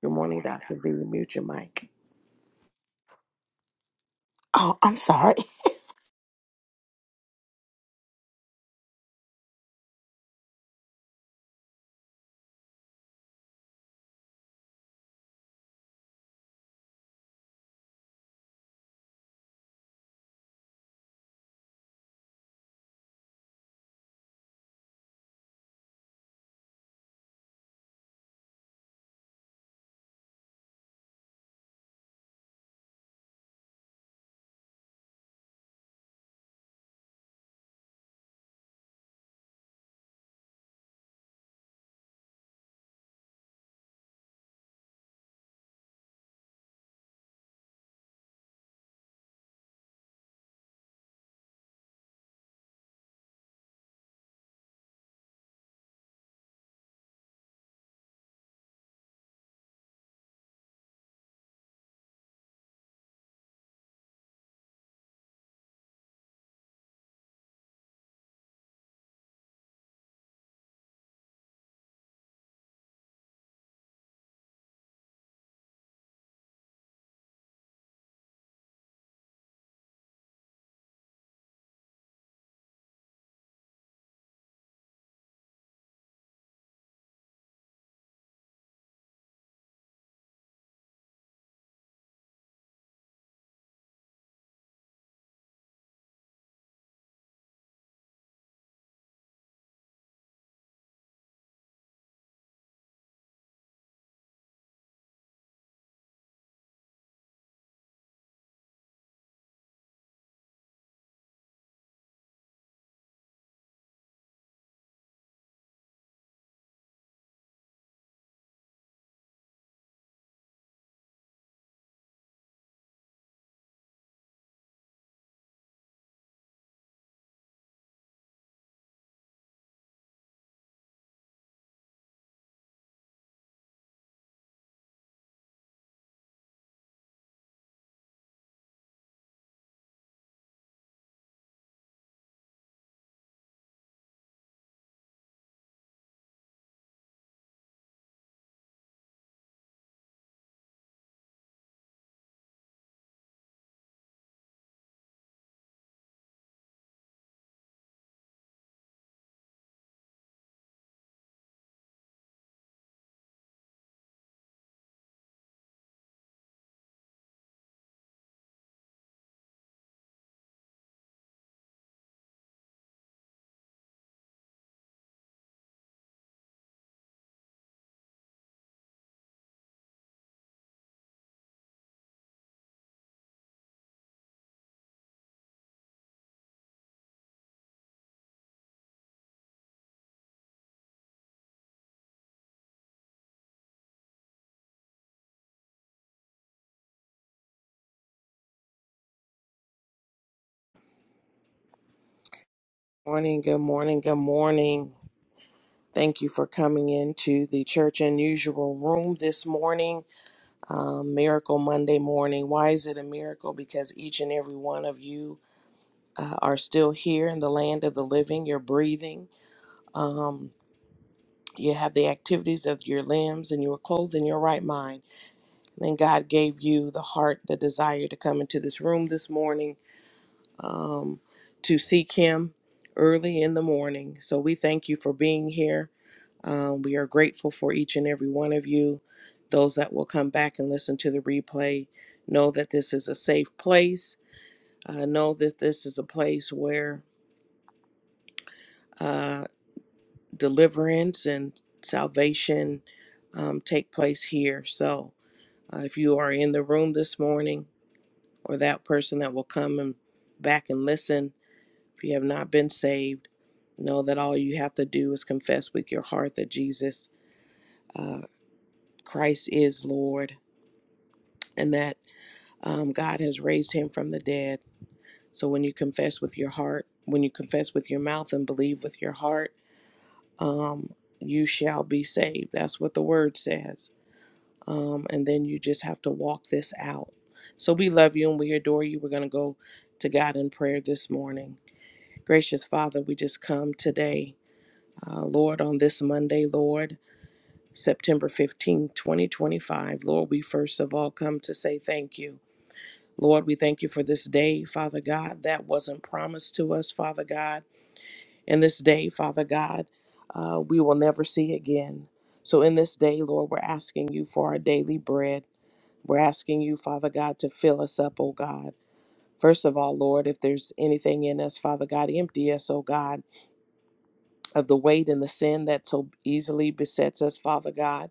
Good morning, Dr. V. Mute your mic. Oh, I'm sorry. Morning, morning. Thank you for coming into the room this morning. Um, miracle Monday morning. Why is it a miracle? Because each and every one of you uh, are still here in the land of the living. You're breathing. Um, you have the activities of your limbs and you are clothed in your right mind. And then God gave you the heart, the desire to come into this room this morning um, to seek Him early in the morning. So we thank you for being here. Um, we are grateful for each and every one of you. Those that will come back and listen to the replay know that this is a safe place. Uh, know that this is a place where uh, deliverance and salvation um, take place here. So uh, if you are in the room this morning, or that person that will come and back and listen, If you have not been saved, know that all you have to do is confess with your heart that Jesus uh, Christ is Lord and that um, God has raised him from the dead. So when you confess with your heart, when you confess with your mouth and believe with your heart, um, you shall be saved. That's what the word says. Um, and then you just have to walk this out. So we love you and we adore you. We're going to go to God in prayer this morning. Gracious Father, we just come today Uh, Lord, on this Monday, Lord, September 15, 2025, Lord, we first of all come to say thank you. Lord, we thank you for this day, Father God, that wasn't promised to us, Father God. And this day, Father God, uh, we will never see again. So in this day, Lord, we're asking you for our daily bread. We're asking you, Father God, to fill us up, oh God. First of all, Lord, if there's anything in us, Father God, empty us, oh God, of the weight and the sin that so easily besets us, Father God.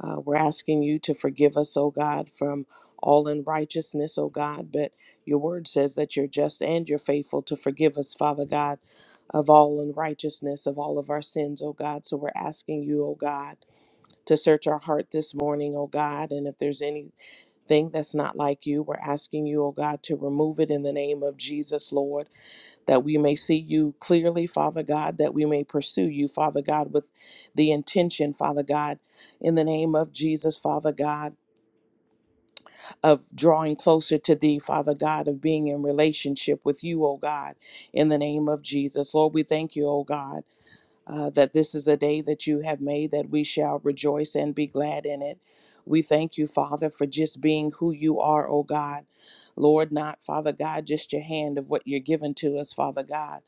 Uh, we're asking you to forgive us, O God, from all unrighteousness, O God. But your word says that you're just and you're faithful to forgive us, Father God, of all unrighteousness, of all of our sins, O God. So we're asking you, O God, to search our heart this morning, O God. And if there's anything that's not like you, we're asking you, O God, to remove it in the name of Jesus, Lord that we may see you clearly, Father God, that we may pursue you, Father God, with the intention, Father God, in the name of Jesus, Father God, of drawing closer to thee, Father God, of being in relationship with you, O God, in the name of Jesus. Lord, we thank you, O God uh, that this is a day that you have made, that we shall rejoice and be glad in it. We thank you, Father, for just being who you are, oh God. Lord, not, Father God, just your hand of what you're giving to us, Father God.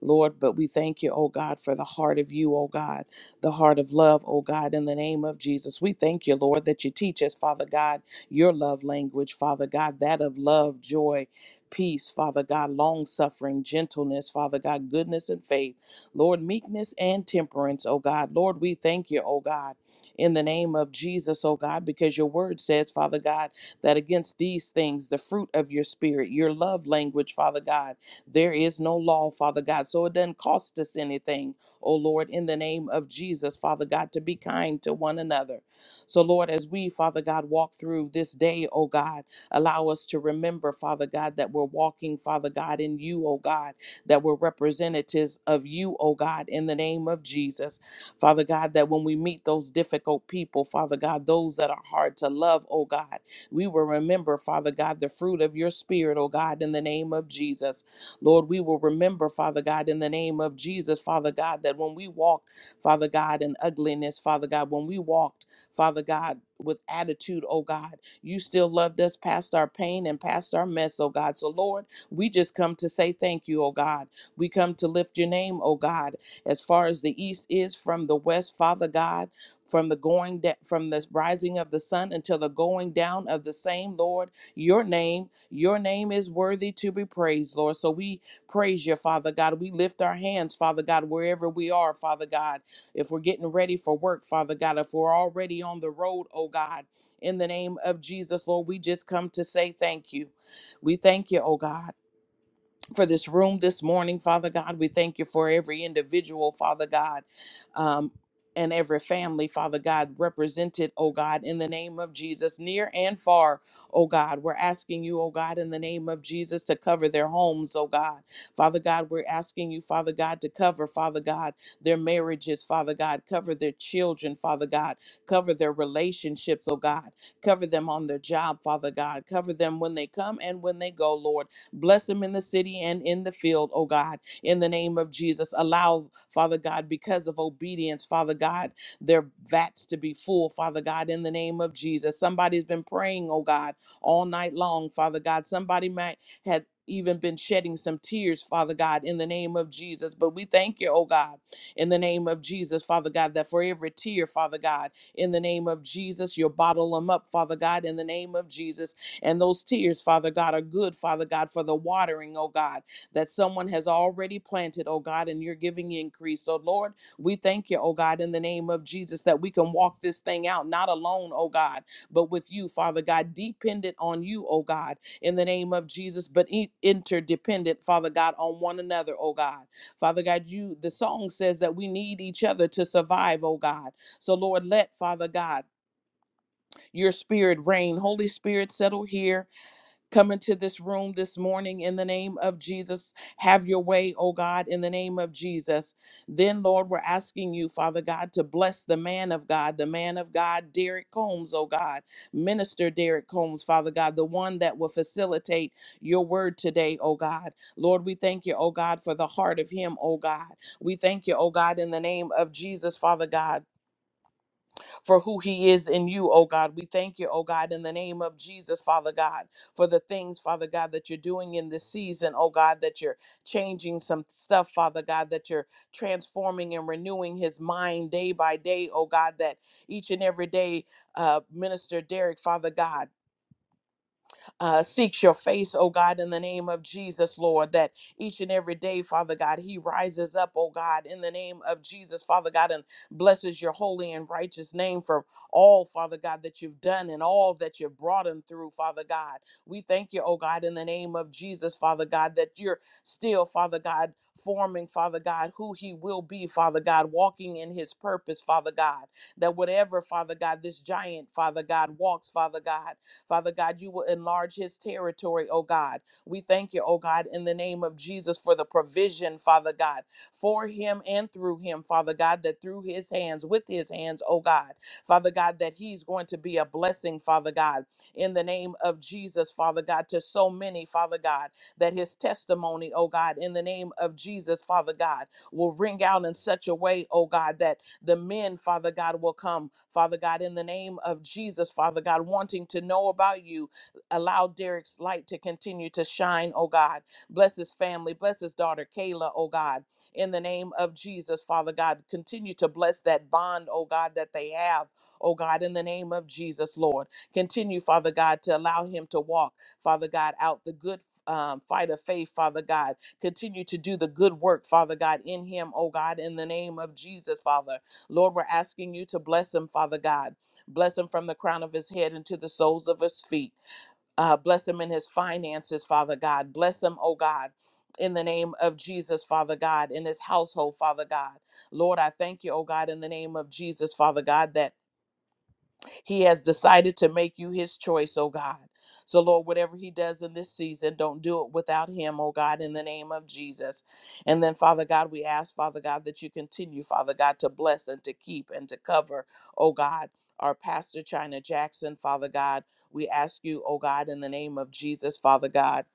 Lord, but we thank you, oh God, for the heart of you, oh God, the heart of love, oh God, in the name of Jesus. We thank you, Lord, that you teach us, Father God, your love language, Father God, that of love, joy, peace, Father God, long suffering, gentleness, Father God, goodness and faith. Lord, meekness and temperance, oh God. Lord, we thank you, oh God. In the name of Jesus, oh God, because your word says, Father God, that against these things, the fruit of your spirit, your love language, Father God, there is no law, Father God. So it doesn't cost us anything, oh Lord, in the name of Jesus, Father God, to be kind to one another. So, Lord, as we, Father God, walk through this day, oh God, allow us to remember, Father God, that we're walking, Father God, in you, oh God that we're representatives of you, oh God, in the name of Jesus. Father God, that when we meet those difficult people, Father God, those that are hard to love, oh God, we will remember, Father God, the fruit of your spirit, oh God, in the name of Jesus. Lord, we will remember, Father God, in the name of Jesus, Father God, that when we walk, Father God, in ugliness, Father God, when we walked, Father God, with attitude, oh God, you still loved us past our pain and past our mess, oh God. So, Lord, we just come to say thank you, O God. We come to lift your name, O God, as far as the east is from the west, Father God, from the going da- from the rising of the sun until the going down of the same, Lord. Your name, your name is worthy to be praised, Lord. So we praise you, Father God. We lift our hands, Father God, wherever we are, Father God. If we're getting ready for work, Father God, if we're already on the road, oh God, in the name of Jesus, Lord, we just come to say thank you. We thank you, oh God for this room this morning, Father God. We thank you for every individual, Father God, um, and every family, Father God, represented, oh God, in the name of Jesus, near and far, oh God. We're asking you, oh God, in the name of Jesus, to cover their homes, oh God. Father God, we're asking you, Father God, to cover, Father God, their marriages, Father God, cover their children, Father God, cover their relationships, oh God, cover them on their job, Father God, cover them when they come and when they go, Lord. Bless them in the city and in the field, oh God, in the name of Jesus. Allow, Father God, because of obedience, Father God, their vats to be full, Father God, in the name of Jesus. Somebody's been praying, oh God, all night long, Father God. Somebody might had even been shedding some tears, Father God, in the name of Jesus. But we thank you, oh God, in the name of Jesus, Father God, that for every tear, Father God, in the name of Jesus, you'll bottle them up, Father God, in the name of Jesus and those tears, Father God, are good, Father God, for the watering, oh God, that someone has already planted, oh God, and you're giving increase. So, Lord, we thank you, oh God, in the name of Jesus, that we can walk this thing out, not alone, oh God, but with you, Father God, dependent on you, oh God, in the name of Jesus, but in- interdependent, Father God, on one another, oh God. Father God, you, the song says that we need each other to survive, oh God. So, Lord, let, Father God, your spirit reign. Holy Spirit, settle here Come into this room this morning in the name of Jesus. Have your way, oh God, in the name of Jesus. Then, Lord, we're asking you, Father God, to bless the man of God, the man of God, Derek Combs, oh God, Minister Derek Combs, Father God, the one that will facilitate your word today, oh God. Lord, we thank you, oh God, for the heart of him, oh God. We thank you, oh God, in the name of Jesus, Father God for who he is in you, oh God. We thank you, oh God, in the name of Jesus, Father God, for the things, Father God, that you're doing in this season, oh God, that you're changing some stuff, Father God, that you're transforming and renewing his mind day by day, oh God, that each and every day, uh, Minister Derek, Father God uh, seeks your face, oh God, in the name of Jesus, Lord, that each and every day, Father God, he rises up, oh God, in the name of Jesus, Father God, and blesses your holy and righteous name for all, Father God, that you've done and all that you've brought him through, Father God. We thank you, oh God, in the name of Jesus, Father God, that you're still, Father God, forming, Father God, who he will be, Father God, walking in his purpose, Father God. That whatever, Father God, this giant, Father God, walks, Father God. Father God, you will enlarge his territory, oh God. We thank you, oh God, in the name of Jesus for the provision, Father God, for him and through him, Father God, that through his hands, with his hands, oh God, Father God, that he's going to be a blessing, Father God, in the name of Jesus, Father God, to so many, Father God, that his testimony, oh God, in the name of Jesus, Father God will ring out in such a way, oh God, that the men, Father God, will come, Father God, in the name of Jesus, Father God, wanting to know about you. Allow Derek's light to continue to shine, oh God. Bless his family, bless his daughter, Kayla, oh God, in the name of Jesus, Father God. Continue to bless that bond, oh God, that they have, oh God, in the name of Jesus, Lord. Continue, Father God, to allow him to walk, Father God, out the good. Um, fight of faith, Father God, Continue to do the good work, Father God, in him, oh God, in the name of Jesus, Father. Lord, we're asking you to bless him, Father God. Bless him from the crown of his head into the soles of his feet. Uh, bless him in his finances, Father God. Bless him, oh God, in the name of Jesus, Father God, in his household, Father God. Lord, I thank you, oh God, in the name of Jesus, Father God, that he has decided to make you his choice, oh God. So, Lord, whatever he does in this season, don't do it without him, oh God, in the name of Jesus. And then, Father God, we ask, Father God, that you continue, Father God, to bless and to keep and to cover, oh God, our pastor, China Jackson, Father God. We ask you, oh God, in the name of Jesus, Father God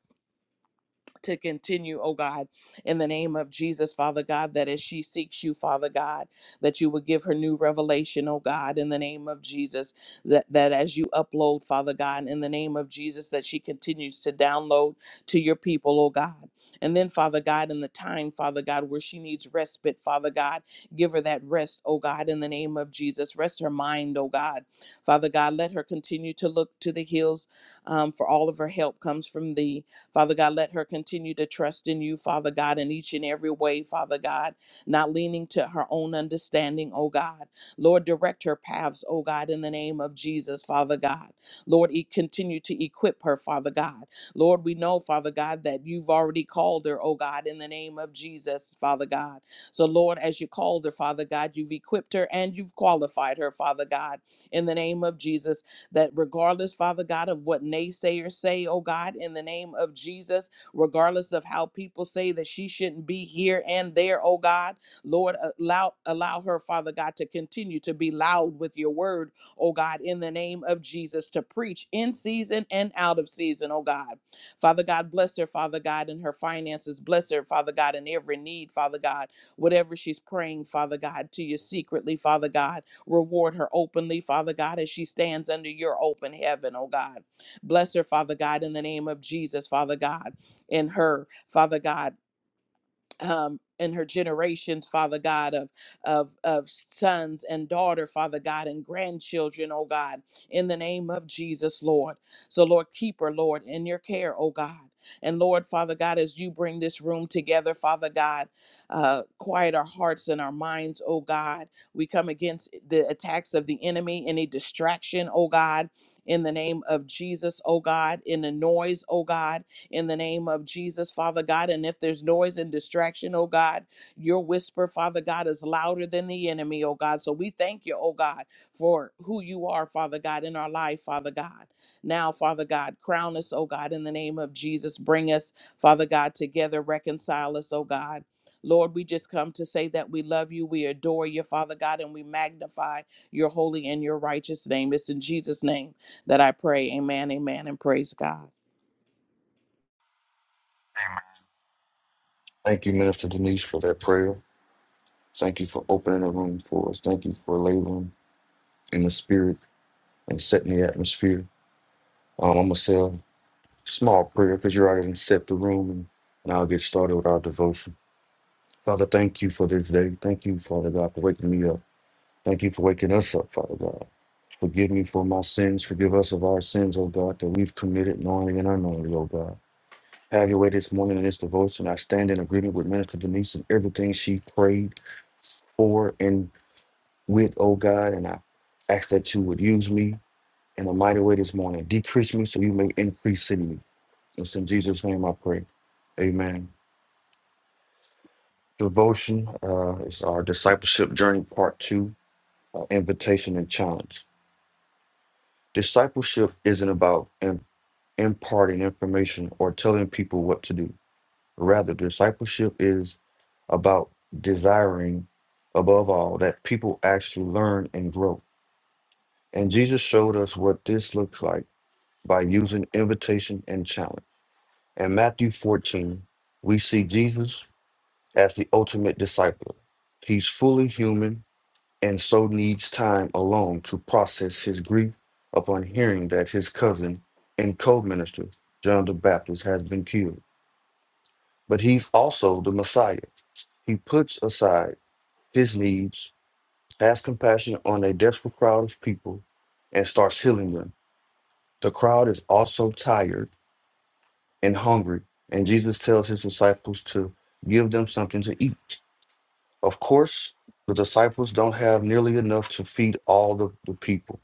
to continue, oh God, in the name of Jesus, Father God, that as she seeks you, Father God, that you would give her new revelation, oh God, in the name of Jesus, that, that as you upload, Father God, in the name of Jesus, that she continues to download to your people, oh God. And then, Father God, in the time, Father God, where she needs respite, Father God, give her that rest, oh God, in the name of Jesus. Rest her mind, oh God. Father God, let her continue to look to the hills um, for all of her help comes from thee. Father God, let her continue to trust in you, Father God, in each and every way, Father God, not leaning to her own understanding, oh God. Lord, direct her paths, oh God, in the name of Jesus, Father God. Lord, e- continue to equip her, Father God. Lord, we know, Father God, that you've already called her, oh God, in the name of Jesus, Father God. So, Lord, as you called her, Father God, you've equipped her and you've qualified her, Father God, in the name of Jesus that regardless, Father God, of what naysayers say, oh God, in the name of Jesus, regardless of how people say that she shouldn't be here and there, oh God, Lord, allow allow her, Father God, to continue to be loud with your word, oh God, in the name of Jesus, to preach in season and out of season, oh God. Father God, bless her, Father God, in her finances. Bless her, Father God, in every need, Father God. Whatever she's praying, Father God, to you secretly, Father God. Reward her openly, Father God, as she stands under your open heaven, oh God. Bless her, Father God, in the name of Jesus, Father God, in her, Father God um, and her generations, Father God, of, of of sons and daughter, Father God, and grandchildren, oh God, in the name of Jesus, Lord. So, Lord, keep her, Lord, in your care, oh God. And Lord, Father God, as you bring this room together, Father God, uh, quiet our hearts and our minds, oh God. We come against the attacks of the enemy, any distraction, oh God. In the name of Jesus, oh God, in the noise, oh God in the name of Jesus, Father God. And if there's noise and distraction, oh God, your whisper, Father God, is louder than the enemy, oh God. So we thank you, oh God, for who you are, Father God, in our life, Father God. Now, Father God, crown us, oh God, in the name of Jesus. Bring us, Father God, together, reconcile us, oh God. Lord, we just come to say that we love you, we adore you, Father God, and we magnify your holy and your righteous name. It's in Jesus' name that I pray. Amen, amen, and praise God. Thank you, Minister Denise, for that prayer. Thank you for opening the room for us. Thank you for laboring in the spirit and setting the atmosphere. Um, I'm going to say a small prayer because you already done set the room, and, and I'll get started with our devotion. Father, thank you for this day. Thank you, Father God, for waking me up. Thank you for waking us up, Father God. Forgive me for my sins. Forgive us of our sins, O God, that we've committed knowingly and unknowingly, O God. Have your way this morning in this devotion. I stand in agreement with Minister Denise and everything she prayed for and with, oh God, and I ask that you would use me in a mighty way this morning. Decrease me so you may increase in me. It's in Jesus' name I pray. Amen. Devotion uh, is our discipleship journey, part two, uh, invitation and challenge. Discipleship isn't about im- imparting information or telling people what to do. Rather, discipleship is about desiring, above all, that people actually learn and grow. And Jesus showed us what this looks like by using invitation and challenge. In Matthew 14, we see Jesus as the ultimate disciple. He's fully human and so needs time alone to process his grief upon hearing that his cousin and co minister, John the Baptist, has been killed. But he's also the Messiah. He puts aside his needs, has compassion on a desperate crowd of people, and starts healing them. The crowd is also tired and hungry. And Jesus tells his disciples to give them something to eat. Of course, the disciples don't have nearly enough to feed all the, the people,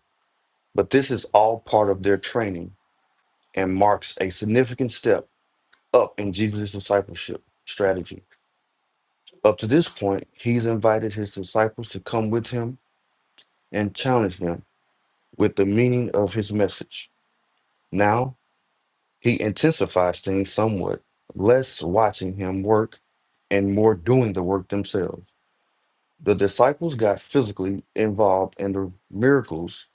but this is all part of their training and marks a significant step up in Jesus' discipleship strategy. Up to this point, he's invited his disciples to come with him and challenge them with the meaning of his message. Now He intensifies things somewhat, less watching him work and more doing the work themselves. The disciples got physically involved in the miracles.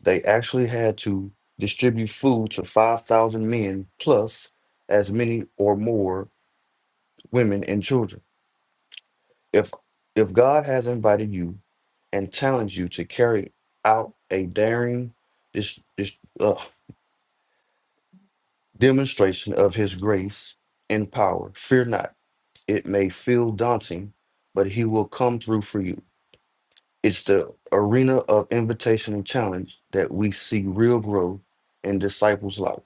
They actually had to distribute food to 5,000 men plus as many or more women and children. If if God has invited you and challenged you to carry out a daring dis, dis, uh, demonstration of his grace and power, fear not It may feel daunting, but he will come through for you. It's the arena of invitation and challenge that we see real growth in disciples' life.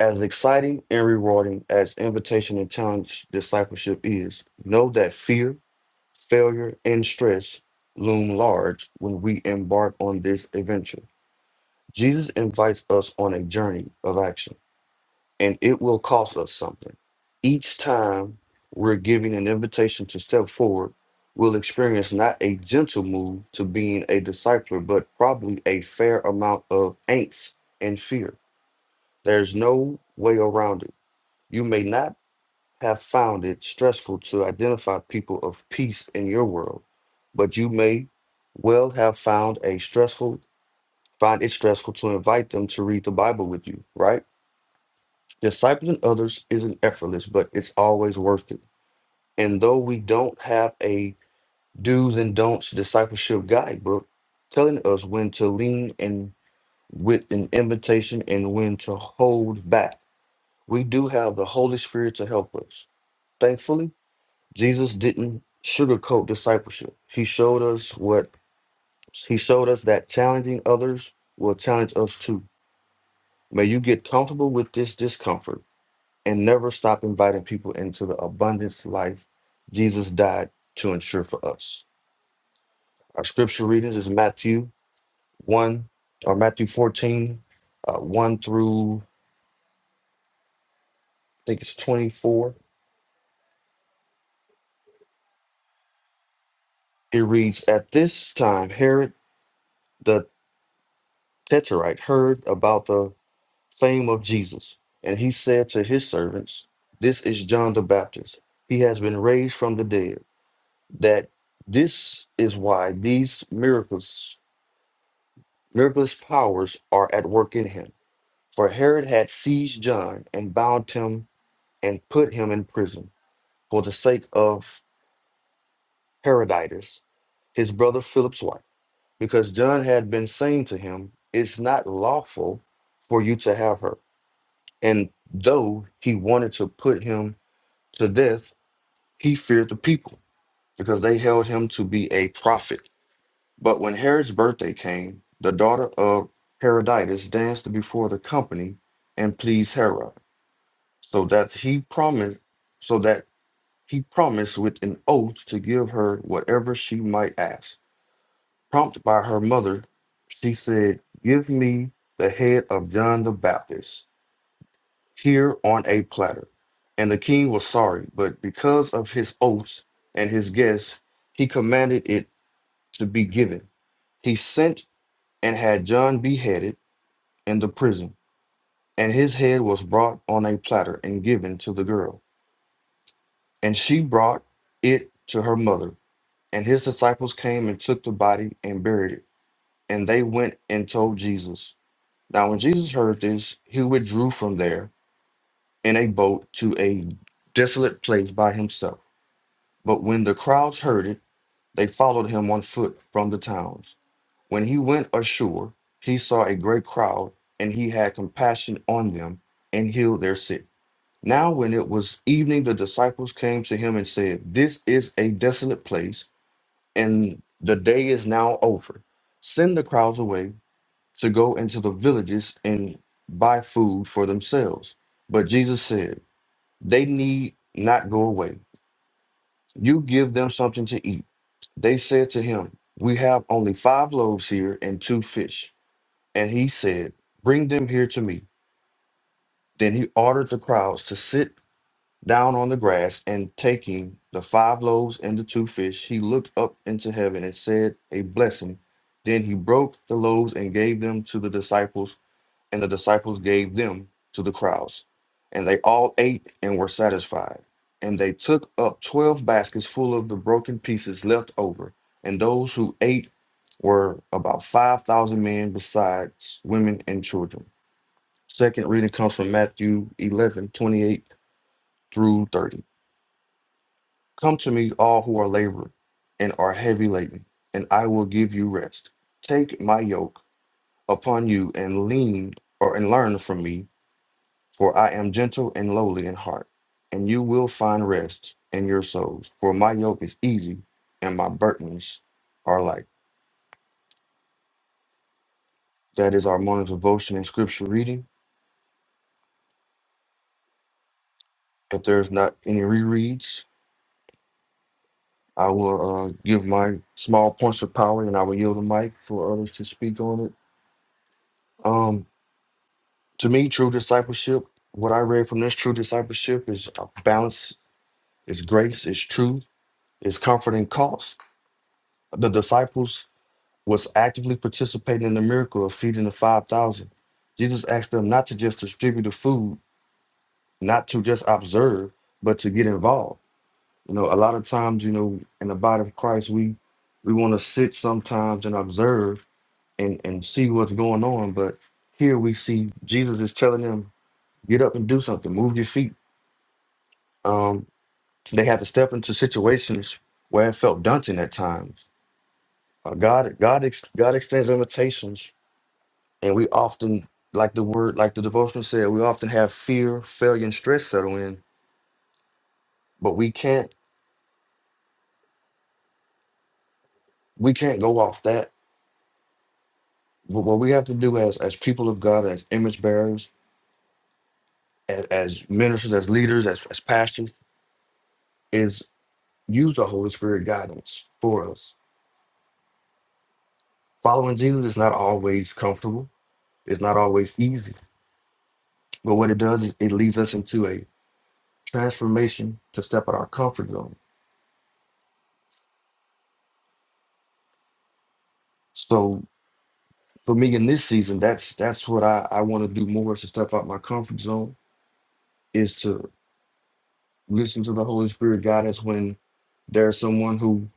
As exciting and rewarding as invitation and challenge discipleship is, know that fear, failure, and stress loom large when we embark on this adventure. Jesus invites us on a journey of action and it will cost us something. Each time we're giving an invitation to step forward, we'll experience not a gentle move to being a discipler, but probably a fair amount of angst and fear. There's no way around it. You may not have found it stressful to identify people of peace in your world, but you may well have found a stressful find it stressful to invite them to read the Bible with you, right? Discipling others isn't effortless, but it's always worth it. And though we don't have a do's and don'ts discipleship guidebook telling us when to lean in with an invitation and when to hold back, we do have the Holy Spirit to help us. Thankfully, Jesus didn't sugarcoat discipleship. He showed us what he showed us that challenging others will challenge us too. May you get comfortable with this discomfort and never stop inviting people into the abundance life Jesus died to ensure for us. Our scripture readings is Matthew 1 or Matthew 14, uh, 1 through I think it's 24. It reads, At this time, Herod the Tetrarch heard about the fame of Jesus, and he said to his servants, This is John the Baptist. He has been raised from the dead. That this is why these miracles Miraculous powers are at work in him. For Herod had seized John and bound him and put him in prison for the sake of Herodias, his brother Philip's wife, because John had been saying to him, It's not lawful for you to have her. And though he wanted to put him to death, he feared the people because they held him to be a prophet. But when Herod's birthday came, the daughter of Herodias danced before the company and pleased Herod, so that he promised so that he promised with an oath to give her whatever she might ask. Prompted by her mother, she said, Give me the head of John the Baptist here on a platter. And the king was sorry, but because of his oaths and his guests, he commanded it to be given. He sent and had John beheaded in the prison. And his head was brought on a platter and given to the girl. And she brought it to her mother. And his disciples came and took the body and buried it. And they went and told Jesus. Now, when Jesus heard this, he withdrew from there in a boat to a desolate place by himself. But when the crowds heard it, they followed him on foot from the towns. When he went ashore, he saw a great crowd, and he had compassion on them and healed their sick. Now, when it was evening, the disciples came to him and said, This is a desolate place, and the day is now over. Send the crowds away to go into the villages and buy food for themselves. But Jesus said, They need not go away. You give them something to eat. They said to him, We have only five loaves here and two fish. And he said, Bring them here to me. Then he ordered the crowds to sit down on the grass, and taking the five loaves and the two fish, he looked up into heaven and said a blessing. Then he broke the loaves and gave them to the disciples, and the disciples gave them to the crowds. And they all ate and were satisfied. And they took up 12 baskets full of the broken pieces left over. And those who ate were about 5,000 men, besides women and children. Second reading comes from Matthew 11:28 through 30. Come to me, all who are labored and are heavy laden, and I will give you rest. Take my yoke upon you and lean or and learn from me, for I am gentle and lowly in heart, and you will find rest in your souls. For my yoke is easy and my burdens are light. That is our morning devotion and scripture reading. If there's not any rereads, I will uh, give my small points of power and I will yield the mic for others to speak on it. Um, to me, true discipleship, what I read from this true discipleship is uh, balance, is grace, is truth, is comfort and cost. The disciples was actively participating in the miracle of feeding the 5,000. Jesus asked them not to just distribute the food, not to just observe, but to get involved. You know, a lot of times, you know, in the body of Christ, we we want to sit sometimes and observe and and see what's going on. But here we see Jesus is telling them, get up and do something, move your feet. Um, they had to step into situations where it felt daunting at times. Uh, God, God, ex- God extends invitations, and we often, like the word, like the devotion said, we often have fear, failure, and stress settle in. But we can't, we can't go off that. Wh- What we have to do as as people of God, as image bearers, as, as ministers, as leaders, as, as pastors, use the Holy Spirit guidance for us. Following Jesus is not always comfortable, it's not always easy. But what it does is it leads us into a transformation to step out our comfort zone. So for me in this season, that's that's what I, I want to do more is to step out my comfort zone, is to listen to the Holy Spirit guidance when there's someone who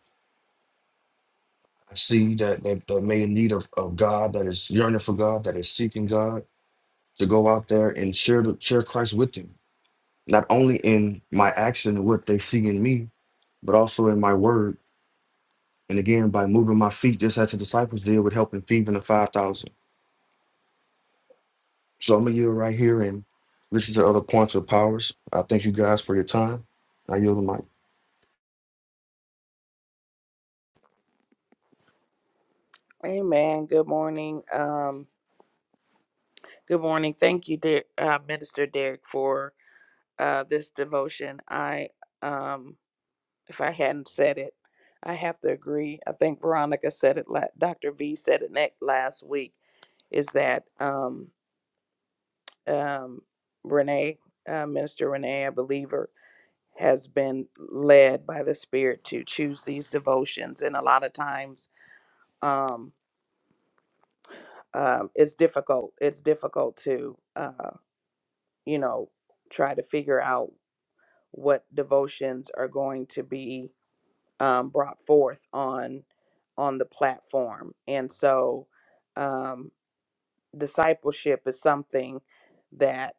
I see that, that, that may in need of, of God, that is yearning for God, that is seeking God, to go out there and share the, share Christ with them not only in my action and what they see in me, but also in my word. And again, by moving my feet, just as the disciples did with helping feeding the 5,000. So I'm going to yield right here and listen to other points of powers. I thank you guys for your time. I yield the mic. Amen. Good morning. Um, good morning. Thank you, dear, uh, Minister Derek, for uh, this devotion. I, um, if I hadn't said it, I have to agree. I think Veronica said it. La- Dr. V said it next last week. Is that um, um, Renee, uh, Minister Renee, I believe her, has been led by the Spirit to choose these devotions, and a lot of times, um, um, it's difficult. It's difficult to. Uh, you know, try to figure out what devotions are going to be um, brought forth on on the platform. And so, um, discipleship is something that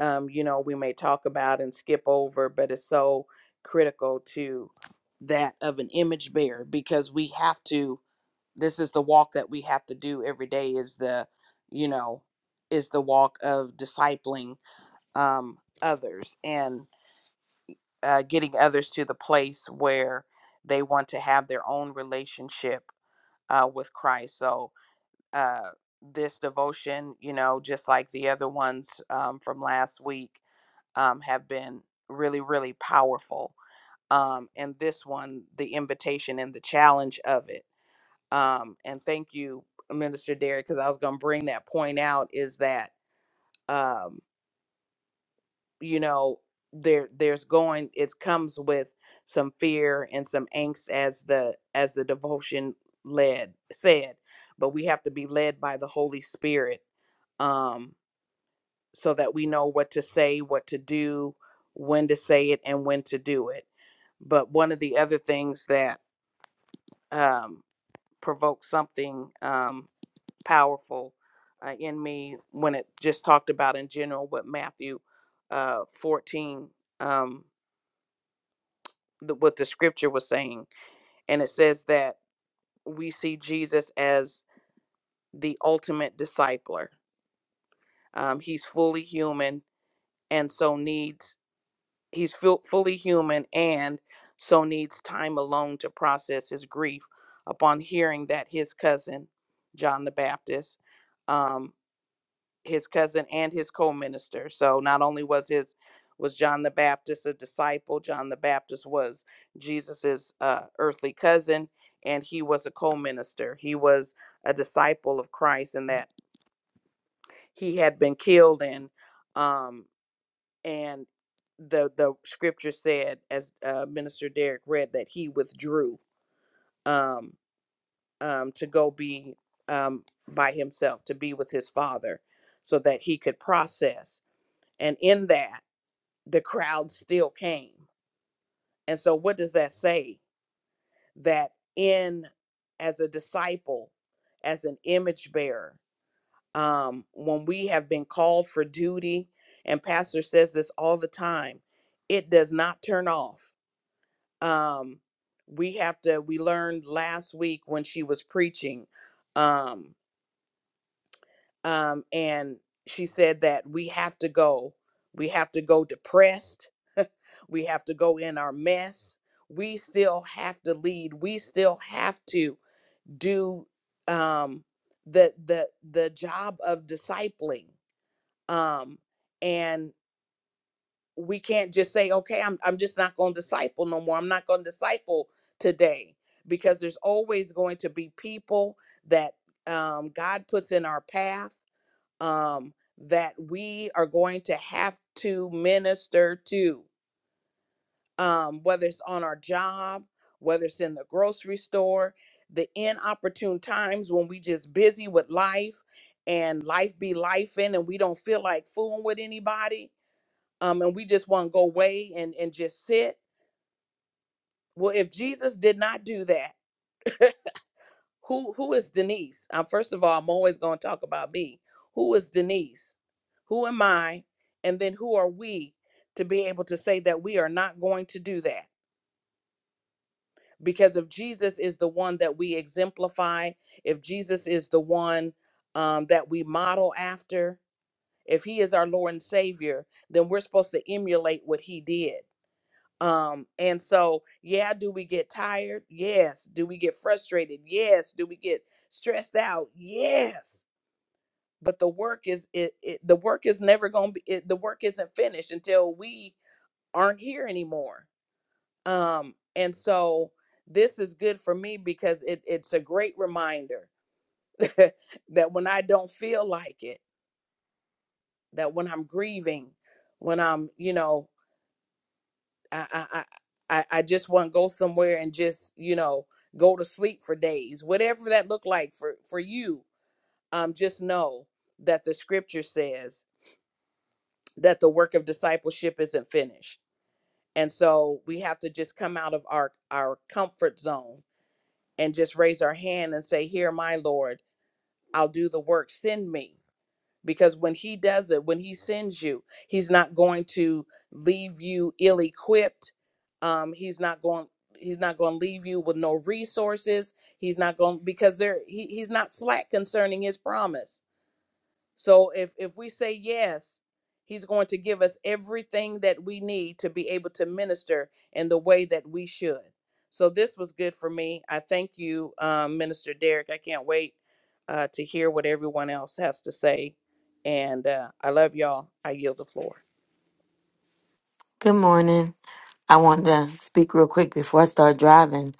um, you know we may talk about and skip over, but it's so critical to that of an image bearer because we have to. This is the walk that we have to do every day. Is the you know is the walk of discipling um, others. And uh, getting others to the place where they want to have their own relationship uh, with Christ. So, uh, this devotion, you know, just like the other ones um, from last week, um, have been really, really powerful. Um, and this one, the invitation and the challenge of it. Um, and thank you, Minister Derek, because I was going to bring that point out is that. um, you know there there's going it comes with some fear and some angst as the as the devotion led said but we have to be led by the holy spirit um so that we know what to say what to do when to say it and when to do it but one of the other things that um provoked something um powerful uh, in me when it just talked about in general what matthew uh 14 um the, what the scripture was saying. And it says that we see Jesus as the ultimate discipler. Um, he's fully human and so needs, he's fu- fully human and so needs time alone to process his grief upon hearing that his cousin, John the Baptist, um, his cousin and his co-minister. So not only was his was John the Baptist a disciple, John the Baptist was Jesus's uh, earthly cousin, and he was a co-minister. He was a disciple of Christ, and that he had been killed, and um, and the the scripture said, as uh, Minister Derek read, that he withdrew um, um, to go be um, by himself, to be with his father, so that he could process. And in that the crowd still came. And so, what does that say? That in as a disciple, as an image bearer, um, when we have been called for duty, and Pastor says this all the time, it does not turn off. Um, we have to. We learned last week when she was preaching, um, um, and she said that we have to go. We have to go depressed We have to go in our mess. We still have to lead. We still have to do um, the the the job of discipling. Um, and we can't just say, "Okay, I'm I'm just not going to disciple no more. I'm not going to disciple today," because there's always going to be people that um, God puts in our path um, that we are going to have to minister to um, whether it's on our job, whether it's in the grocery store, the inopportune times when we just busy with life and life be life in and we don't feel like fooling with anybody um, and we just want to go away and, and just sit. Well, if Jesus did not do that, who who is Denise? Um, first of all, I'm always going to talk about me. Who is Denise? Who am I? And then who are we to be able to say that we are not going to do that? because if Jesus is the one that we exemplify, if Jesus is the one um, that we model after, if he is our Lord and Savior, then we're supposed to emulate what he did. Um, and so, yeah, do we get tired? Yes. Do we get frustrated? Yes. Do we get stressed out? Yes. But the work is it, it the work is never going to be it, the work isn't finished until we aren't here anymore um and so this is good for me because it it's a great reminder that when i don't feel like it that when i'm grieving when i'm you know i i i, I I just want to go somewhere and just you know go to sleep for days whatever that looked like for for you um just know that the scripture says that the work of discipleship isn't finished and so we have to just come out of our our comfort zone and just raise our hand and say, Here, my Lord, I'll do the work, send me. Because when He does it, when He sends you, He's not going to leave you ill equipped. Um, he's not going. He's not going to leave you with no resources. He's not going because there. He, he's not slack concerning his promise. So if if we say yes, he's going to give us everything that we need to be able to minister in the way that we should. So this was good for me. I thank you, um, Minister Derek. I can't wait uh, to hear what everyone else has to say. And uh, I love y'all. I yield the floor. Good morning. I wanted to speak real quick before I start driving.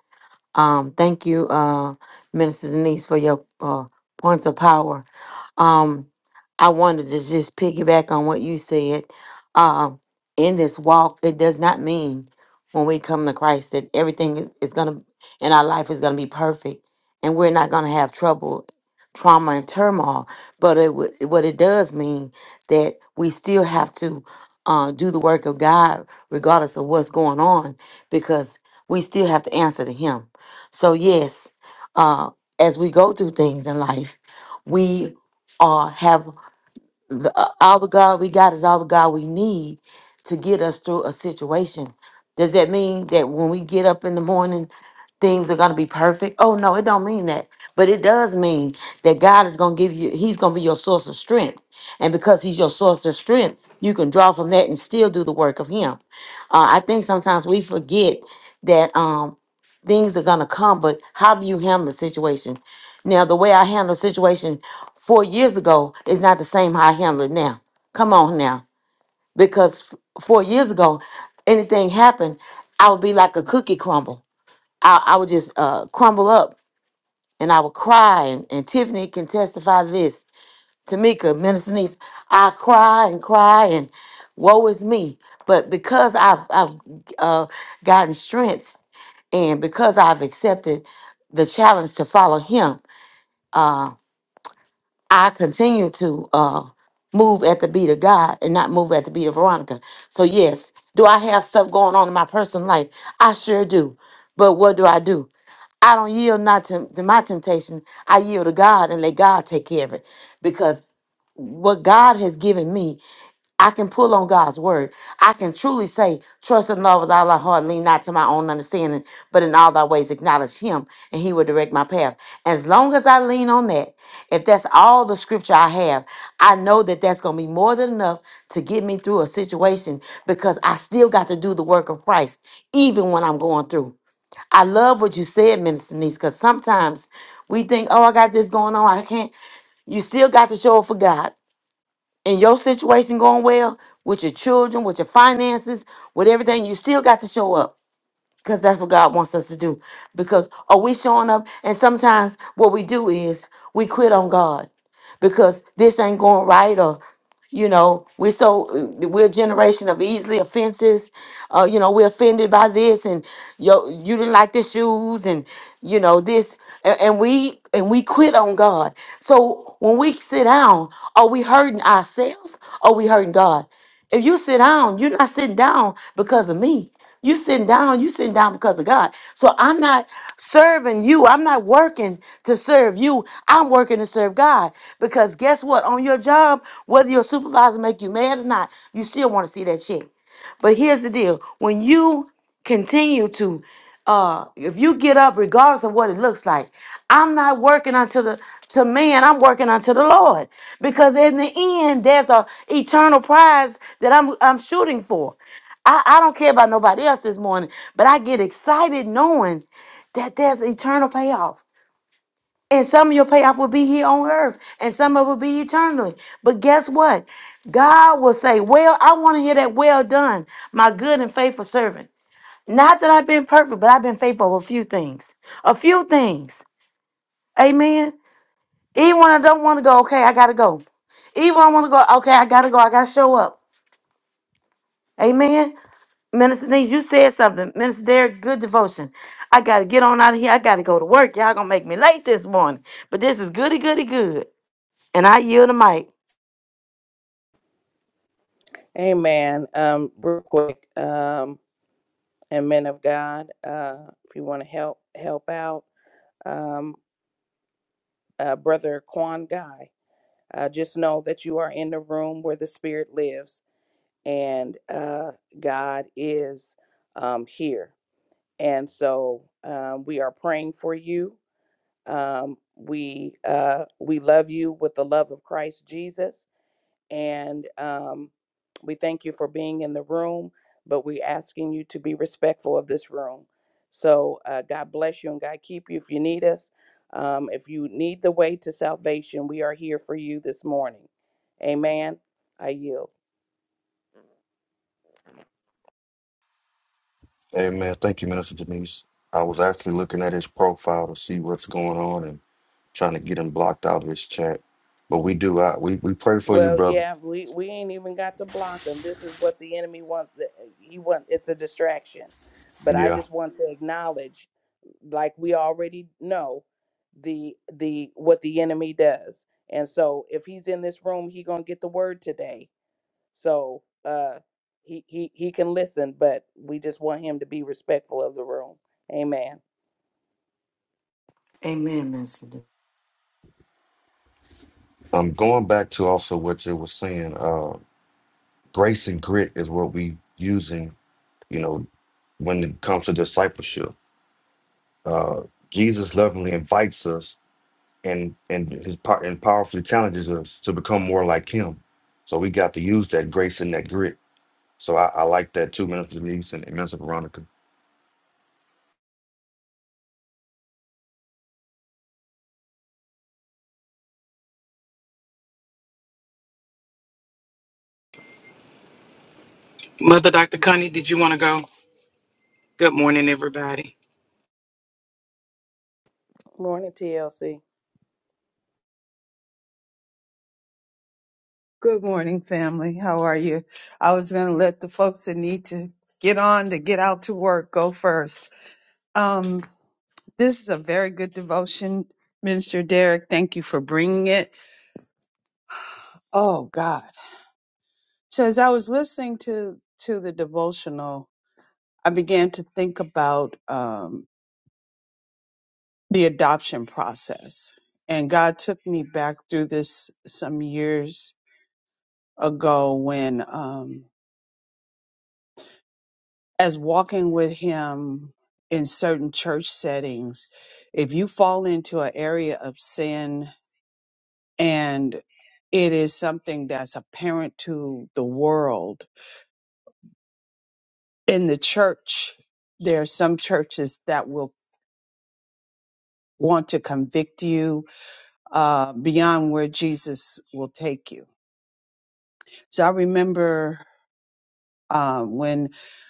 Um, thank you, uh, Minister Denise, for your uh, points of power. Um, I wanted to just piggyback on what you said. Um, in this walk, it does not mean when we come to Christ that everything is is gonna in our life is gonna be perfect, and we're not gonna have trouble, trauma, and turmoil. But it would- what it does mean that we still have to uh, do the work of God regardless of what's going on, because we still have to answer to Him so, yes, uh, as we go through things in life, we uh, have the, uh, all the God we got is all the God we need to get us through a situation. Does that mean that when we get up in the morning, things are going to be perfect? Oh no, it don't mean that. But it does mean that God is going to give you he's going to be your source of strength. And because he's your source of strength, you can draw from that and still do the work of him. Uh, I think sometimes we forget that um things are going to come, but how do you handle the situation? Now, the way I handle the situation four years ago is not the same how I handle it now. Come on now. Because f- four years ago, anything happened, I would be like a cookie crumble. I, I would just uh, crumble up and I would cry. And, and Tiffany can testify to this. Tamika, Minister Niece, I cry and cry and woe is me. But because I've, I've uh, gotten strength and because I've accepted the challenge to follow him, uh, I continue to uh, move at the beat of God and not move at the beat of Veronica. So, yes, do I have stuff going on in my personal life? I sure do. But what do I do? I don't yield not to, to my temptation. I yield to God and let God take care of it. Because what God has given me I can pull on God's word. I can truly say, trust in love with all thy heart, lean not to my own understanding, but in all thy ways acknowledge him, and he will direct my path. As long as I lean on that, if that's all the scripture I have, I know that that's going to be more than enough to get me through a situation because I still got to do the work of Christ, even when I'm going through. I love what you said, Minister Denise, because sometimes we think, oh, I got this going on. I can't. You still got to show up for God and your situation going well with your children, with your finances, with everything, you still got to show up because that's what God wants us to do. Because are we showing up? And sometimes what we do is we quit on God because this ain't going right, or you know, we're so we're a generation of easily offenses. Uh, you know, we're offended by this, and yo, you didn't like the shoes, and you know this, and, and we and we quit on God. So when we sit down, are we hurting ourselves? Or are we hurting God? If you sit down, you're not sitting down because of me. You sitting down, you sitting down because of God. So I'm not serving you. I'm not working to serve you. I'm working to serve God. Because guess what? On your job, whether your supervisor make you mad or not, you still want to see that check. But here's the deal when you continue to, uh, if you get up, regardless of what it looks like, I'm not working unto the to man, I'm working unto the Lord. Because in the end, there's a eternal prize that I'm I'm shooting for. I, I don't care about nobody else this morning, but I get excited knowing that there's eternal payoff and some of your payoff will be here on earth, and some of it will be eternally. But guess what? God will say, Well, I want to hear that well done, my good and faithful servant. Not that I've been perfect, but I've been faithful with a few things. A few things. Amen. Even when I don't want to go, okay, I got to go. Even when I want to go, okay, I got to go. I got to show up. Amen. Minister Denise, you said something. Minister Derek, good devotion. I got to get on out of here. I got to go to work. Y'all going to make me late this morning. But this is goody, goody, good. And I yield the mic. Amen. Um, real quick, um, and men of God, uh, if you want to help help out, um, uh, brother Quan Guy. Uh, just know that you are in the room where the Spirit lives, and uh, God is um, here. And so um, we are praying for you. Um, we uh, we love you with the love of Christ Jesus and um, we thank you for being in the room, but we're asking you to be respectful of this room. So uh, God bless you and God keep you if you need us. Um, if you need the way to salvation, we are here for you this morning. Amen. I yield. Amen. Thank you, Minister Denise. I was actually looking at his profile to see what's going on and trying to get him blocked out of his chat. But we do. I, we, we pray for you, Well, brother. yeah, we, we ain't even got to block them. This is what the enemy wants. that- He want it's a distraction, but I Yeah. just want to acknowledge, like we already know, the the what the enemy does. And so, if he's in this room, he gonna get the word today. So, uh, he he he can listen, but we just want him to be respectful of the room. Amen. Amen, Minister. Denise. I'm going back to also what you were saying. Uh, grace and grit is what we using you know, when it comes to discipleship. Uh, Jesus lovingly invites us and and his part and powerfully challenges us to become more like him. So we got to use that grace and that grit. So I, I like that too, Minister Denise and and Minister Veronica. Mother Dr. Connie, did you want to go? Good morning, everybody. Morning, TLC. Good morning, family. How are you? I was going to let the folks that need to get on to get out to work go first. Um, this is a very good devotion, Minister Derek. Thank you for bringing it. Oh God! So as I was listening to to the devotional, I began to think about um, the adoption process, and God took me back through this some years ago when. Um, as walking with him in certain church settings, if you fall into an area of sin and it is something that's apparent to the world, in the church, there are some churches that will want to convict you uh, beyond where Jesus will take you. So I remember uh, when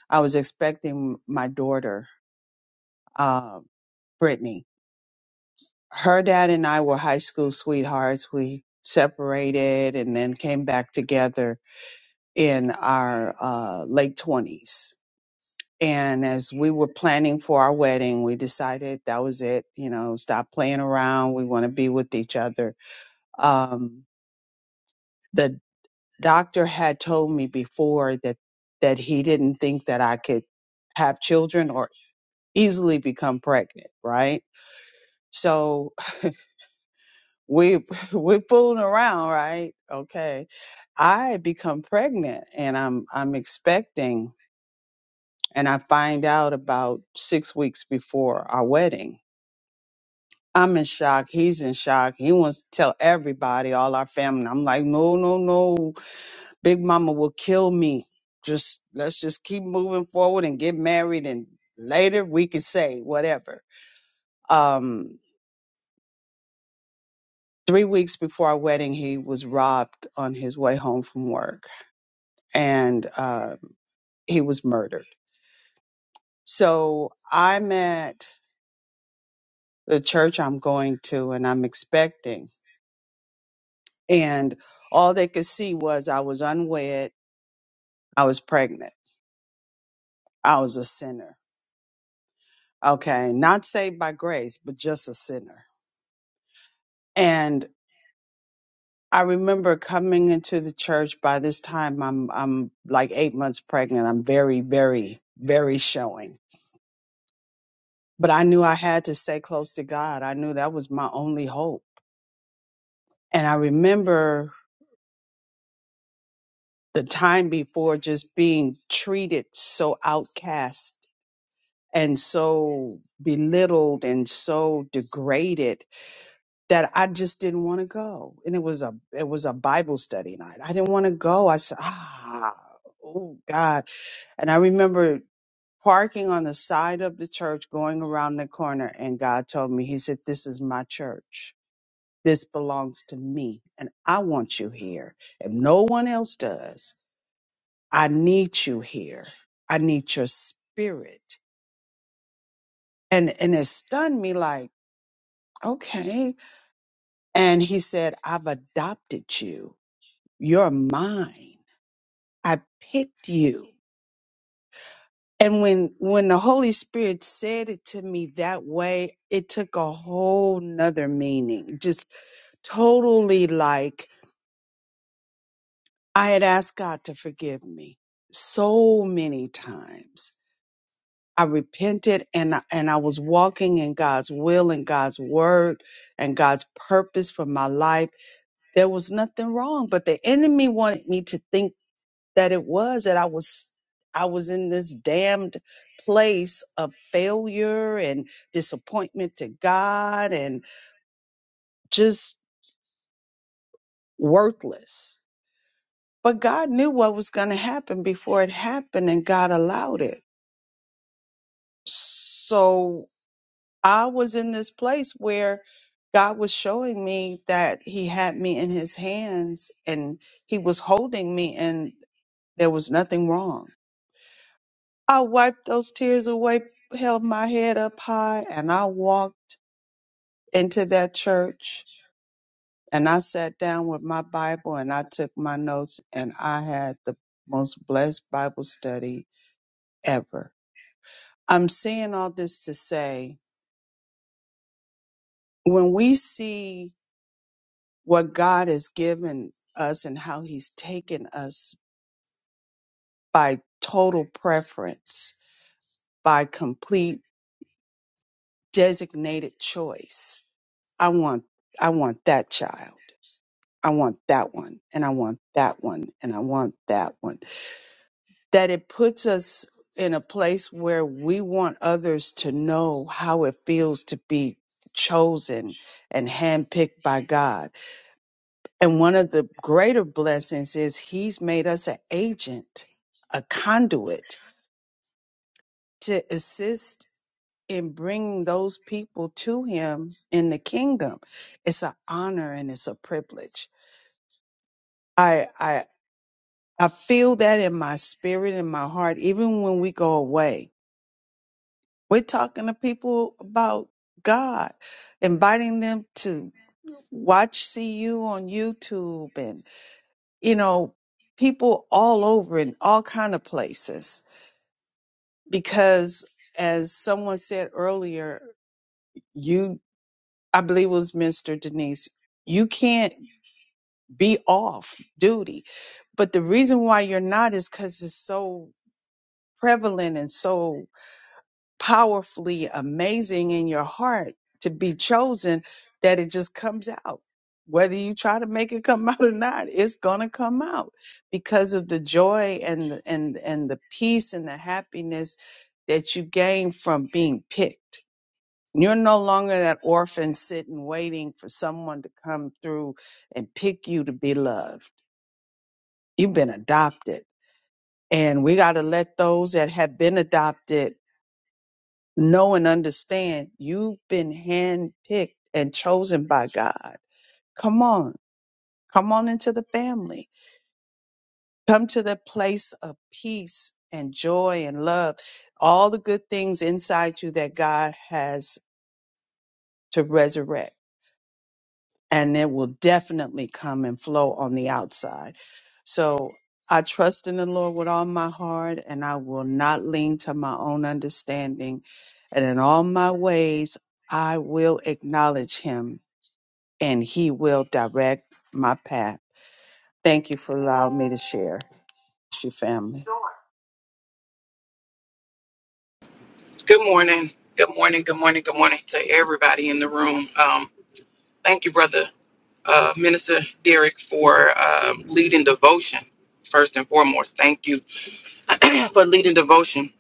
I was expecting my daughter, uh, Brittany, her dad and I were high school sweethearts. We separated and then came back together in our uh, late 20s. And as we were planning for our wedding, we decided that was it. You know, stop playing around. We want to be with each other. Um, the doctor had told me before that that he didn't think that I could have children or easily become pregnant, right? So we we fooling around, right? Okay. I become pregnant and I'm I'm expecting and I find out about six weeks before our wedding. I'm in shock. He's in shock. He wants to tell everybody, all our family. I'm like, no, no, no. Big mama will kill me. Just let's just keep moving forward and get married and later we can say whatever. Um three weeks before our wedding, he was robbed on his way home from work and uh, he was murdered. So I'm at the church I'm going to and I'm expecting, and all they could see was I was unwed, I was pregnant, I was a sinner. Okay, not saved by grace, but just a sinner. And I remember coming into the church. By this time, I'm I'm like eight months pregnant. I'm very, very, very showing. But I knew I had to stay close to God. I knew that was my only hope. And I remember the time before just being treated so outcast and so belittled and so degraded that I just didn't want to go. And it was a it was a Bible study night. I didn't want to go. I said, ah, oh God. And I remember parking on the side of the church, going around the corner, and God told me, He said, This is my church. This belongs to me. And I want you here. If no one else does. I need you here. I need your spirit. And and it stunned me like, okay. And he said, I've adopted you. You're mine. I picked you. And when when the Holy Spirit said it to me that way, it took a whole nother meaning. Just totally like I had asked God to forgive me so many times I repented and I, and I was walking in God's will and God's word and God's purpose for my life. There was nothing wrong, but the enemy wanted me to think that it was that I was I was in this damned place of failure and disappointment to God and just worthless. But God knew what was going to happen before it happened and God allowed it. So I was in this place where God was showing me that He had me in His hands and He was holding me, and there was nothing wrong. I wiped those tears away, held my head up high, and I walked into that church and I sat down with my Bible and I took my notes, and I had the most blessed Bible study ever. I'm saying all this to say when we see what God has given us and how He's taken us by total preference, by complete designated choice. I want, I want that child. I want that one, and I want that one, and I want that one. That it puts us in a place where we want others to know how it feels to be chosen and handpicked by God And one of the greater blessings is he's made us an agent, a conduit to assist in bringing those people to him in the kingdom. It's an honor and it's a privilege. I, I, I feel that in my spirit in my heart, even when we go away, we're talking to people about God, inviting them to watch CU on YouTube and. you know, people all over in all kind of places. Because as someone said earlier, you, I believe it was Minister Denise, you can't be off duty. But the reason why you're not is because it's so prevalent and so powerfully amazing in your heart to be chosen that it just comes out. Whether you try to make it come out or not, it's gonna come out because of the joy and the- and and the peace and the happiness that you gain from being picked. You're no longer that orphan sitting waiting for someone to come through and pick you to be loved. You've been adopted. And we got to let those that have been adopted know and understand you've been handpicked and chosen by God. Come on, come on into the family. Come to the place of peace and joy and love, all the good things inside you that God has to resurrect. And it will definitely come and flow on the outside. So I trust in the Lord with all my heart, and I will not lean to my own understanding. And in all my ways, I will acknowledge him and He will direct my path. Thank you for allowing me to share. It's your family. Good morning. Good morning. Good morning. Good morning to everybody in the room. Um, thank you, Brother uh, Minister Derek, for um leading devotion. First and foremost, thank you for leading devotion.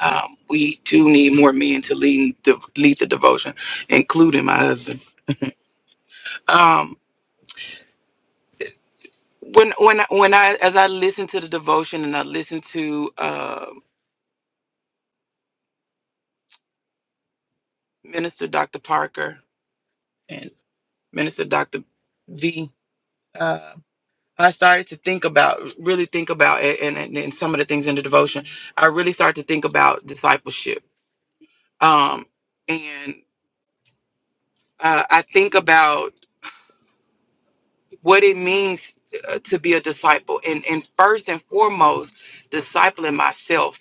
Um, we too need more men to lead to lead the devotion, including my husband. Um, when when I- when I as I listened to the devotion and I listened to uh, Minister Dr. Parker Minister Dr. V, uh, I started to think about, really think about, a- and, and, and some of the things in the devotion, I really started to think about discipleship. Um, and uh, I think about what it means uh, to be a disciple. And, and first and foremost, discipling myself.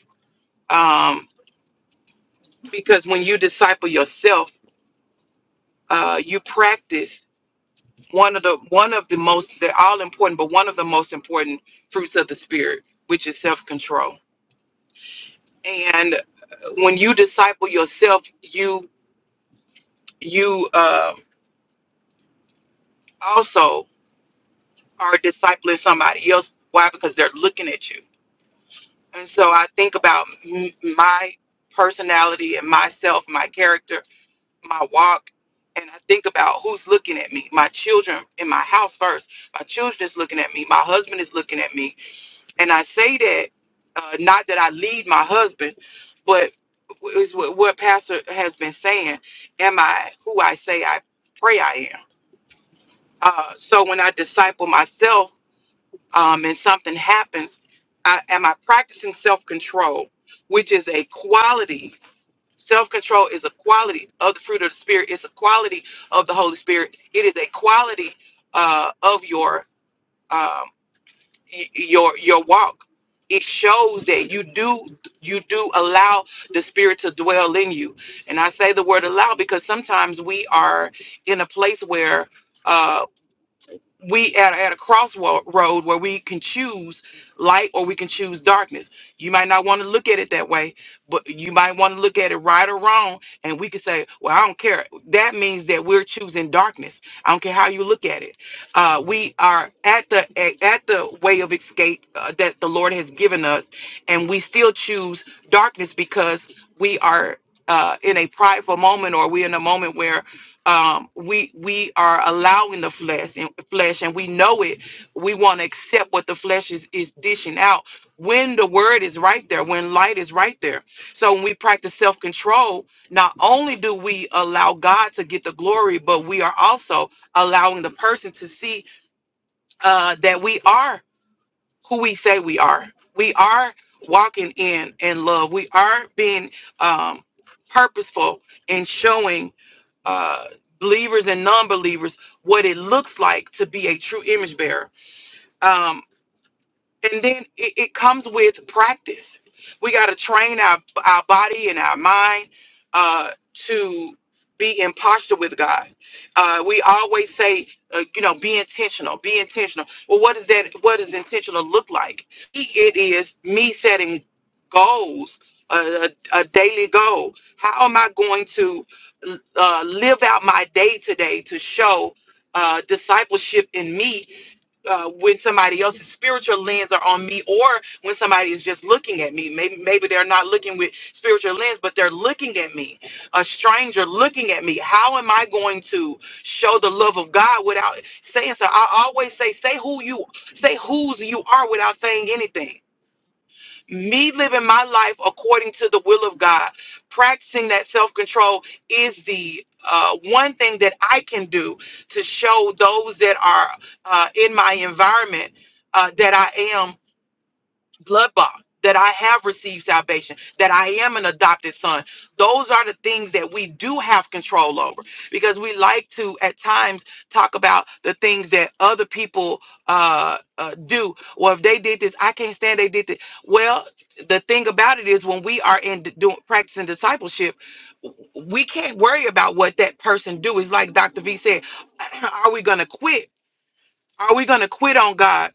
Um, because when you disciple yourself, uh, you practice one of the one of the most they're all important but one of the most important fruits of the spirit which is self-control and uh, when you disciple yourself you you um also are discipling somebody else why because they're looking at you and so i think about m- my personality and myself my character my walk and i think about who's looking at me my children in my house first my children is looking at me my husband is looking at me And I say that uh, not that I lead my husband, but is what, what Pastor has been saying. Am I who I say I pray I am? Uh, so when I disciple myself um, and something happens, I, am I practicing self control, which is a quality? Self control is a quality of the fruit of the Spirit, it's a quality of the Holy Spirit, it is a quality uh, of your. um, y- your your walk it shows that you do you do allow the spirit to dwell in you and i say the word allow because sometimes we are in a place where uh, we at, at a crossroad where we can choose light or we can choose darkness. You might not want to look at it that way, but you might want to look at it right or wrong. And we could say, well, I don't care. That means that we're choosing darkness. I don't care how you look at it. Uh, we are at the at at the way of escape uh, that the Lord has given us, and we still choose darkness because we are uh, in a prideful moment or we're in a moment where um we we are allowing the flesh and flesh and we know it we want to accept what the flesh is is dishing out when the word is right there when light is right there so when we practice self-control not only do we allow god to get the glory but we are also allowing the person to see uh that we are who we say we are. We are walking in in love. We are being um, purposeful in showing uh, believers and non-believers what it looks like to be a true image bearer. Um, and then it, it comes with practice. We got to train our our body and our mind uh, to be in posture with God. Uh, we always say, uh, you know, be intentional, be intentional. Well, what is that? What does intentional look like? It is me setting goals, a, a, a daily goal. How am I going to uh, live out my day today to show uh, discipleship in me uh, when somebody else's spiritual lens are on me or when somebody is just looking at me maybe maybe they're not looking with spiritual lens but they're looking at me a stranger looking at me how am i going to show the love of god without saying so i always say say who you say whose you are without saying anything me living my life according to the will of God, practicing that self control is the uh, one thing that I can do to show those that are uh, in my environment. Uh, that I am blood bond, that I have received salvation, that I am an adopted son. Those are the things that we do have control over because we like to at times talk about the things that other people uh, uh, do. Well, if they did this, I can't stand they did this. Well, the thing about it is when we are in d- doing practicing discipleship, we can't worry about what that person do. It's like Dr. V said, are we going to quit? Are we going to quit on God?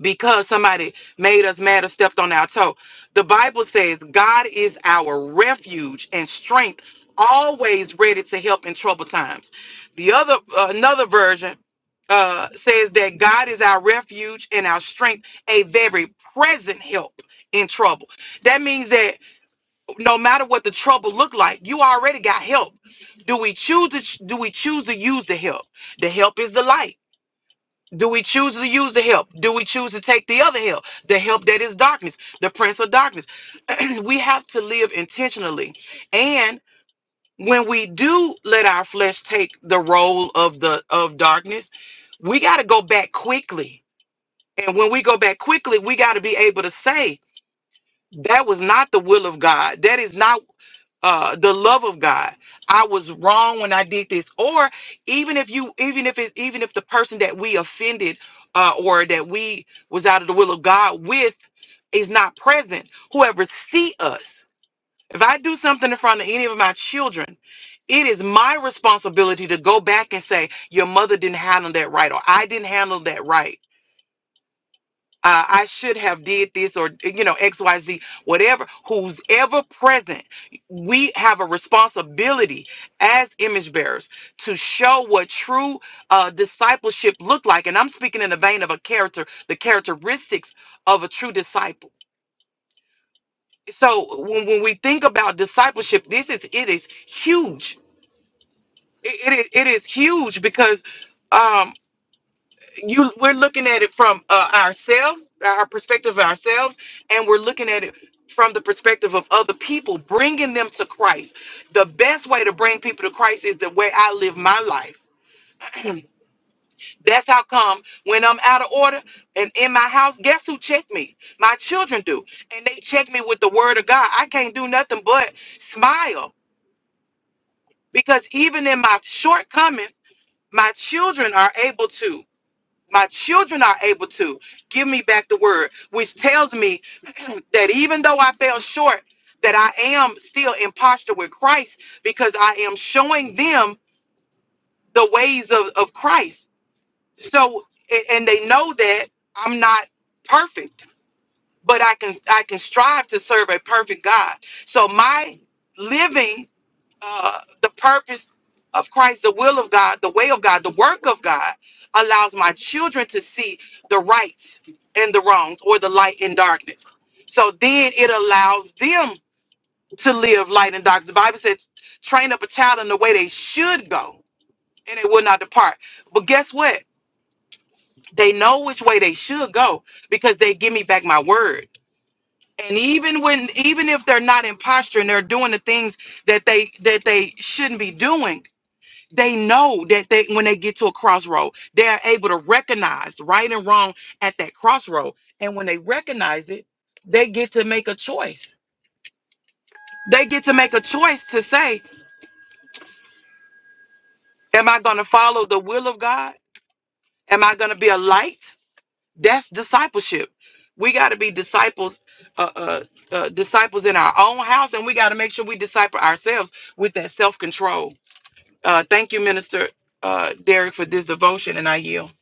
because somebody made us mad or stepped on our toe. The Bible says God is our refuge and strength, always ready to help in trouble times. The other uh, another version uh, says that God is our refuge and our strength, a very present help in trouble. That means that no matter what the trouble look like, you already got help. Do we choose to do we choose to use the help? The help is the light. Do we choose to use the help? Do we choose to take the other help? The help that is darkness, the prince of darkness. we have to live intentionally. And when we do let our flesh take the role of the of darkness, we got to go back quickly. And when we go back quickly, we got to be able to say that was not the will of God. That is not uh the love of god i was wrong when i did this or even if you even if it even if the person that we offended uh or that we was out of the will of god with is not present whoever see us if i do something in front of any of my children it is my responsibility to go back and say your mother didn't handle that right or i didn't handle that right uh, I should have did this or you know XYZ whatever who's ever present we have a responsibility as image bearers to show what true uh, discipleship looked like and I'm speaking in the vein of a character the characteristics of a true disciple so when, when we think about discipleship this is it is huge it, it is it is huge because um, you we're looking at it from uh, ourselves our perspective of ourselves and we're looking at it from the perspective of other people bringing them to christ the best way to bring people to christ is the way i live my life that's how come when i'm out of order and in my house guess who check me my children do and they check me with the word of god i can't do nothing but smile because even in my shortcomings my children are able to my children are able to give me back the word which tells me that even though i fell short that i am still in posture with christ because i am showing them the ways of, of christ so a- and they know that i'm not perfect but i can i can strive to serve a perfect god so my living uh, the purpose of Christ, the will of God, the way of God, the work of God allows my children to see the right and the wrongs or the light and darkness. So then it allows them to live light and darkness. The Bible says, train up a child in the way they should go and they will not depart. But guess what? They know which way they should go because they give me back my word. And even when even if they're not in posture and they're doing the things that they that they shouldn't be doing, they know that they when they get to a crossroad they are able to recognize right and wrong at that crossroad and when they recognize it they get to make a choice they get to make a choice to say am i going to follow the will of god am i going to be a light that's discipleship we got to be disciples uh, uh, uh, disciples in our own house and we got to make sure we disciple ourselves with that self-control uh, thank you minister uh, derek for this devotion and i yield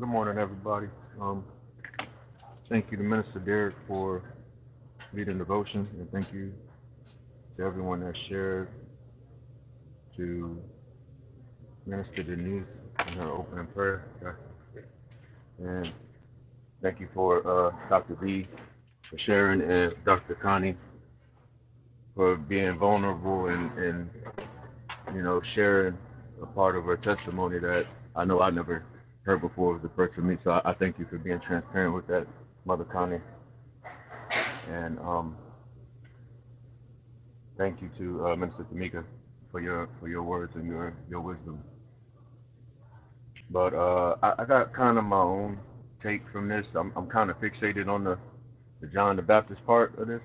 Good morning, everybody. Um, thank you to Minister Derek for leading devotion, and thank you to everyone that shared, to Minister Denise and her opening prayer, and thank you for uh, Dr. B for sharing, and Dr. Connie for being vulnerable and, and you know sharing a part of her testimony that I know I never heard before was the first for me. So I, I thank you for being transparent with that, Mother Connie, and um, Thank you to uh, Minister Tamika for your for your words and your your wisdom. But uh, I, I got kind of my own take from this. I'm I'm kind of fixated on the, the John the Baptist part of this,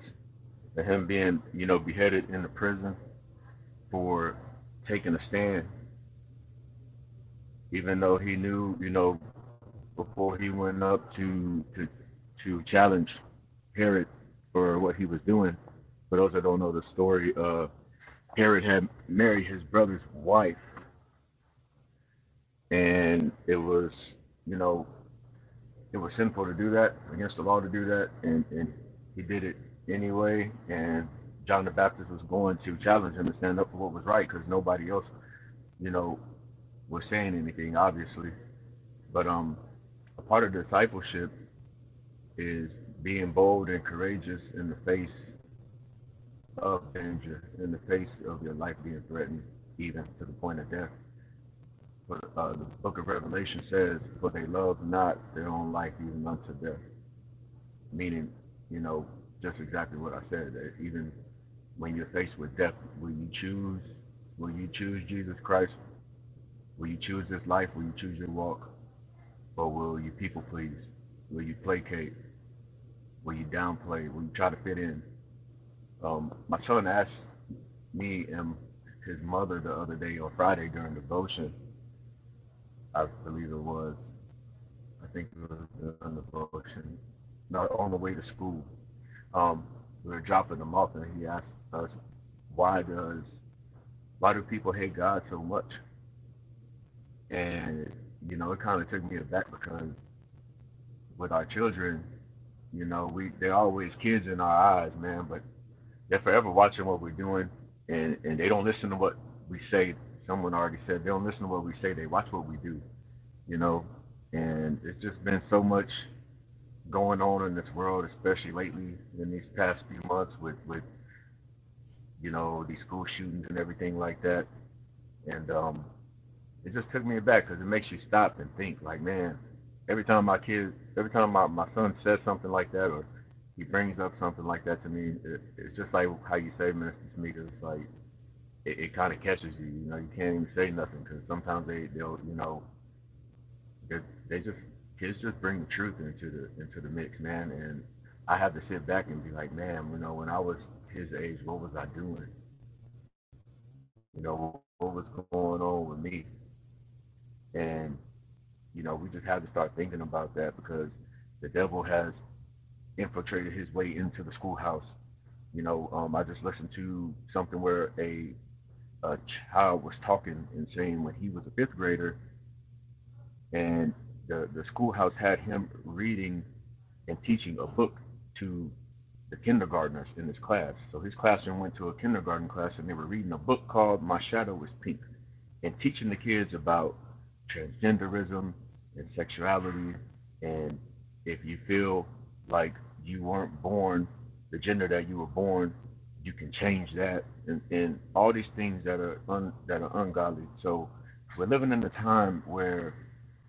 and him being you know beheaded in the prison for taking a stand, even though he knew you know before he went up to to to challenge Herod for what he was doing. For those that don't know the story, uh, Herod had married his brother's wife and it was you know it was sinful to do that against the law to do that and and he did it anyway and john the baptist was going to challenge him to stand up for what was right because nobody else you know was saying anything obviously but um a part of discipleship is being bold and courageous in the face of danger in the face of your life being threatened even to the point of death but uh, the book of revelation says for they love not their own life even unto death meaning, you know, just exactly what I said. That even when you're faced with death, will you choose? Will you choose Jesus Christ? Will you choose this life? Will you choose your walk? Or will you people please? Will you placate? Will you downplay? Will you try to fit in? Um, my son asked me and his mother the other day on Friday during devotion. I believe it was. I think it was during devotion. Not on the way to school. Um, we were dropping him off, and he asked us, "Why does why do people hate God so much? And you know, it kind of took me aback because with our children, you know, we they're always kids in our eyes, man. But they're forever watching what we're doing, and and they don't listen to what we say. Someone already said they don't listen to what we say. They watch what we do, you know. And it's just been so much going on in this world, especially lately in these past few months with with you know these school shootings and everything like that. And um, it just took me back because it makes you stop and think like man every time my kid every time my, my son says something like that or he brings up something like that to me it, it's just like how you say minister Tamika, it's like it, it kind of catches you you know you can't even say nothing because sometimes they they'll you know they, they just kids just bring the truth into the into the mix man and i have to sit back and be like man you know when i was his age what was i doing you know what was going on with me and You know, we just have to start thinking about that because the devil has infiltrated his way into the schoolhouse. You know, um, I just listened to something where a, a child was talking and saying when he was a fifth grader, and the, the schoolhouse had him reading and teaching a book to the kindergartners in his class. So his classroom went to a kindergarten class and they were reading a book called My Shadow is Pink. and teaching the kids about transgenderism and sexuality. And if you feel like you weren't born the gender that you were born, you can change that, and, and all these things that are un, that are ungodly. So we're living in a time where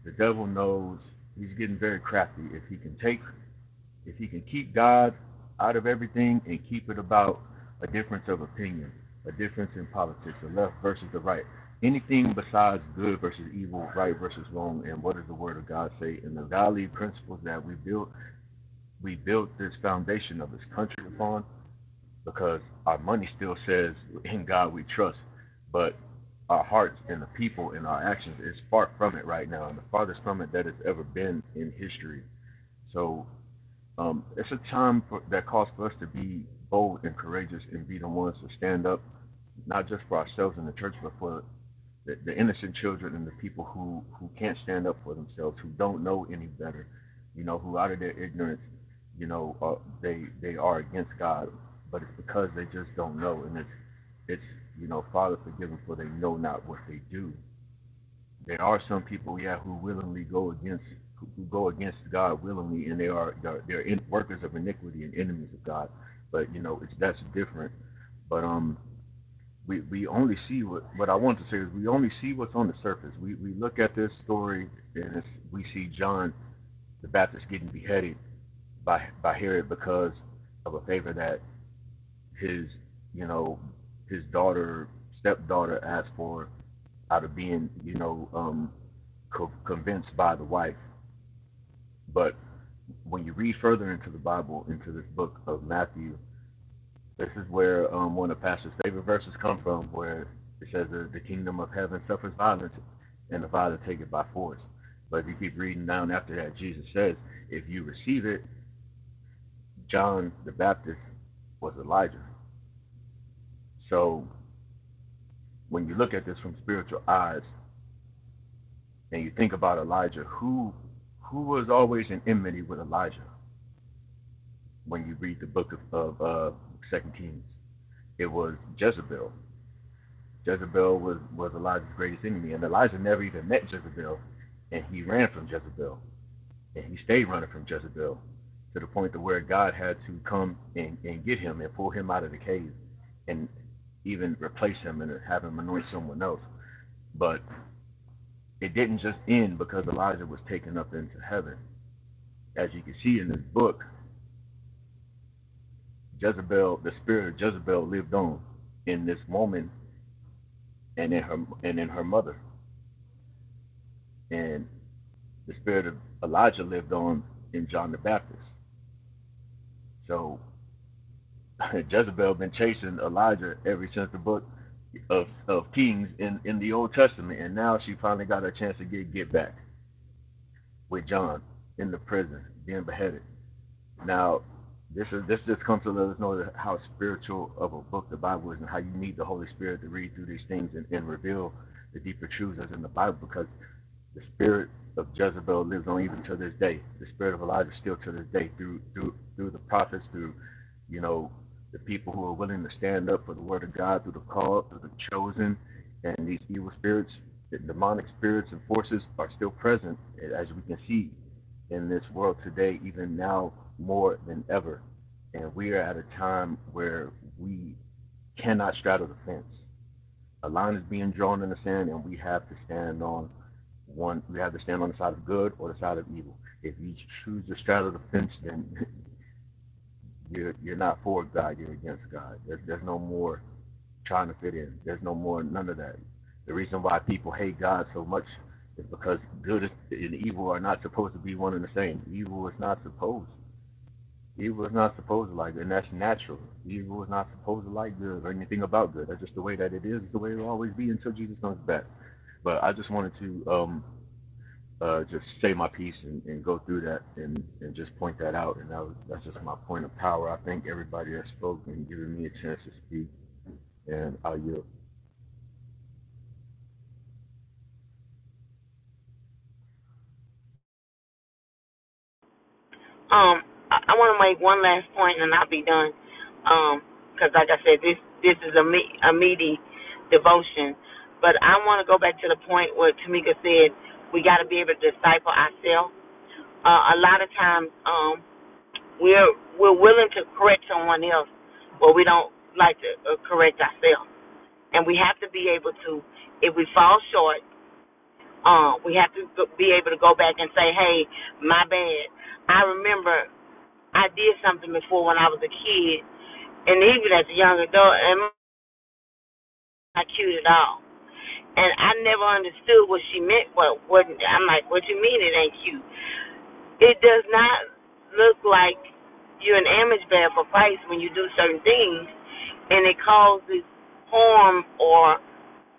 the devil knows he's getting very crafty. If he can take if he can keep God out of everything and keep it about a difference of opinion, a difference in politics, the left versus the right, anything besides good versus evil, right versus wrong, and what does the Word of God say? And the value principles that we built, we built this foundation of this country upon because our money still says in God we trust, but our hearts and the people and our actions is far from it right now, and the farthest from it that it's ever been in history. So um, it's a time for, that calls for us to be bold and courageous and be the ones to stand up, not just for ourselves in the church, but for the, the innocent children and the people who, who can't stand up for themselves, who don't know any better, you know, who out of their ignorance, you know, uh, they they are against God, but it's because they just don't know, and it's it's you know, Father, forgive them for they know not what they do there are some people, yeah, who willingly go against who who go against God willingly, and they are they're, they're in, workers of iniquity and enemies of God. But you know, it's that's different. But um, we we only see what what I want to say is we only see what's on the surface. We we look at this story and it's, we see John the Baptist getting beheaded by by Herod because of a favor that his you know his daughter stepdaughter asked for out of being you know um co- convinced by the wife But when you read further into the Bible, into this book of Matthew, this is where um, one of pastor's favorite verses come from, where it says that the kingdom of heaven suffers violence, and the violent take it by force. But if you keep reading down after that, Jesus says, if you receive it, John the Baptist was Elijah. So when you look at this from spiritual eyes and you think about Elijah, who who was always in enmity with Elijah? When you read the book of, of uh, Second Kings, it was Jezebel. Jezebel was, was Elijah's greatest enemy, and Elijah never even met Jezebel, and he ran from Jezebel, and he stayed running from Jezebel to the point to where God had to come and, and get him and pull him out of the cave and even replace him and have him anoint someone else. But it didn't just end because Elijah was taken up into heaven. As you can see in this book, Jezebel, the spirit of Jezebel lived on in this woman and in her and in her mother. and. the spirit of Elijah lived on in John the Baptist. So Jezebel been chasing Elijah ever since the book of, of Kings in, in the Old Testament, and now she finally got her chance to get get back with John in the prison being beheaded. Now, this is this just comes to let us know how spiritual of a book the Bible is, and how you need the Holy Spirit to read through these things and, and reveal the deeper truths that's in the Bible because The spirit of Jezebel lives on even to this day. The spirit of Elijah still to this day through through through the prophets, through you know the people who are willing to stand up for the word of God, through the called, through the chosen, and these evil spirits, the demonic spirits and forces are still present, as we can see in this world today, even now more than ever. And we are at a time where we cannot straddle the fence. A line is being drawn in the sand, and we have to stand on one, we have to stand on the side of good or the side of evil. If you choose the side of the fence, then you're you're not for God. You're against God. There's there's no more trying to fit in. There's no more none of that. The reason why people hate God so much is because good and evil are not supposed to be one and the same. Evil is not supposed. Evil is not supposed to like, good, and that's natural. Evil is not supposed to like good or anything about good. That's just the way that it is. It's the way it'll always be until Jesus comes back. But I just wanted to um, uh, just say my piece and, and go through that and, and just point that out. And that was, that's just my point of power. I thank everybody that spoke and given me a chance to speak, and I yield. Um, I, I want to make one last point, and I'll be done. Um, 'cause like I said, this this is a me a meaty devotion, but I want to go back to the point where Tamika said we got to be able to disciple ourselves. Uh, a lot of times, um, we're we're willing to correct someone else, but we don't like to uh, correct ourselves, and we have to be able to if we. Uh, we have to be able to go back and say, hey, my bad. I remember I did something before when I was a kid, and even as a young adult, and I'm not cute at all. And I never understood what she meant. What What? I'm like, what you mean it ain't cute? It does not look like you're an image bearer for Christ when you do certain things, and it causes harm or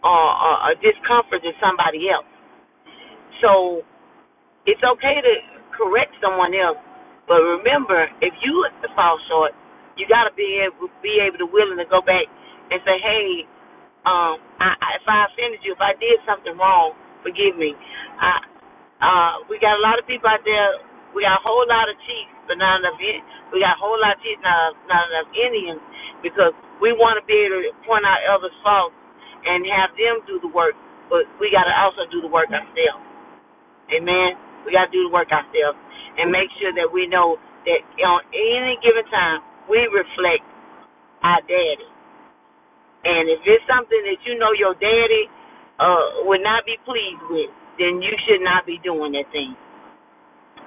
or, or, or discomfort to somebody else. So It's okay to correct someone else, but remember, if you fall short, you got to be able be able to willing to go back and say, hey, um, I, I, if I offended you, if I did something wrong, forgive me. I, uh, we got a lot of people out there. We got a whole lot of chiefs, but not enough. we got a whole lot of chiefs, not, not enough Indians, because we want to be able to point out others' faults and have them do the work, but we got to also do the work ourselves. Amen. We got to do the work ourselves and make sure that we know that on any given time we reflect our daddy. And if it's something that you know your daddy uh, would not be pleased with, then you should not be doing that thing.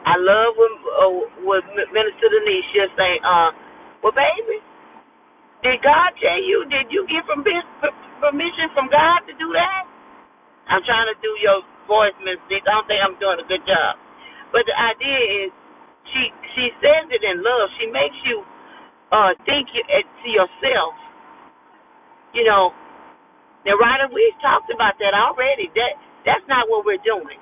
I love when, uh, when Minister Denise she'll say, uh, "Well, baby, did God tell you? Did you get from permission from God to do that?" I'm trying to do your voice, Miss Nick. I don't think I'm doing a good job. But the idea is, she she says it in love. She makes you uh think you, uh, to yourself. You know, now, Ryder, we've talked about that already. That that's not what we're doing.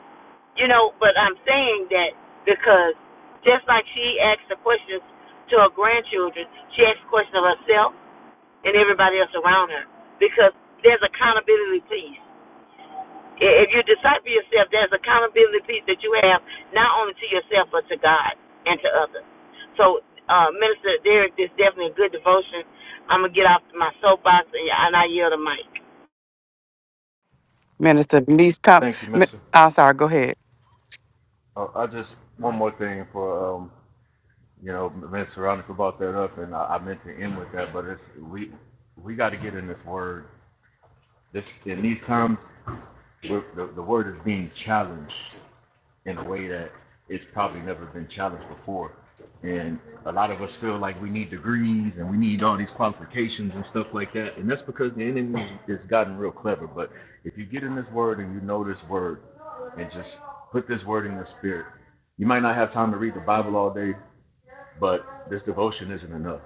You know, but I'm saying that because just like she asks the questions to her grandchildren, she asks questions of herself and everybody else around her because there's accountability, please. If you decide for yourself, there's accountability piece that you have not only to yourself but to God and to others. So, uh, Minister Derek, this is definitely a good devotion. I'm gonna get off my soapbox and, and I yield the mic. Minister Thank you, Minister. Uh, I just one more thing for um, you know, Minister Veronica brought that up, and I, I meant to end with that, but it's we we got to get in this word. This in these times, the, the word is being challenged. in a way that it's probably never been challenged before. And a lot of us feel like we need degrees and we need all these qualifications and stuff like that. And that's because the enemy has gotten real clever. But if you get in this word and you know this word and just put this word in your spirit, you might not have time to read the Bible all day, but this devotion isn't enough.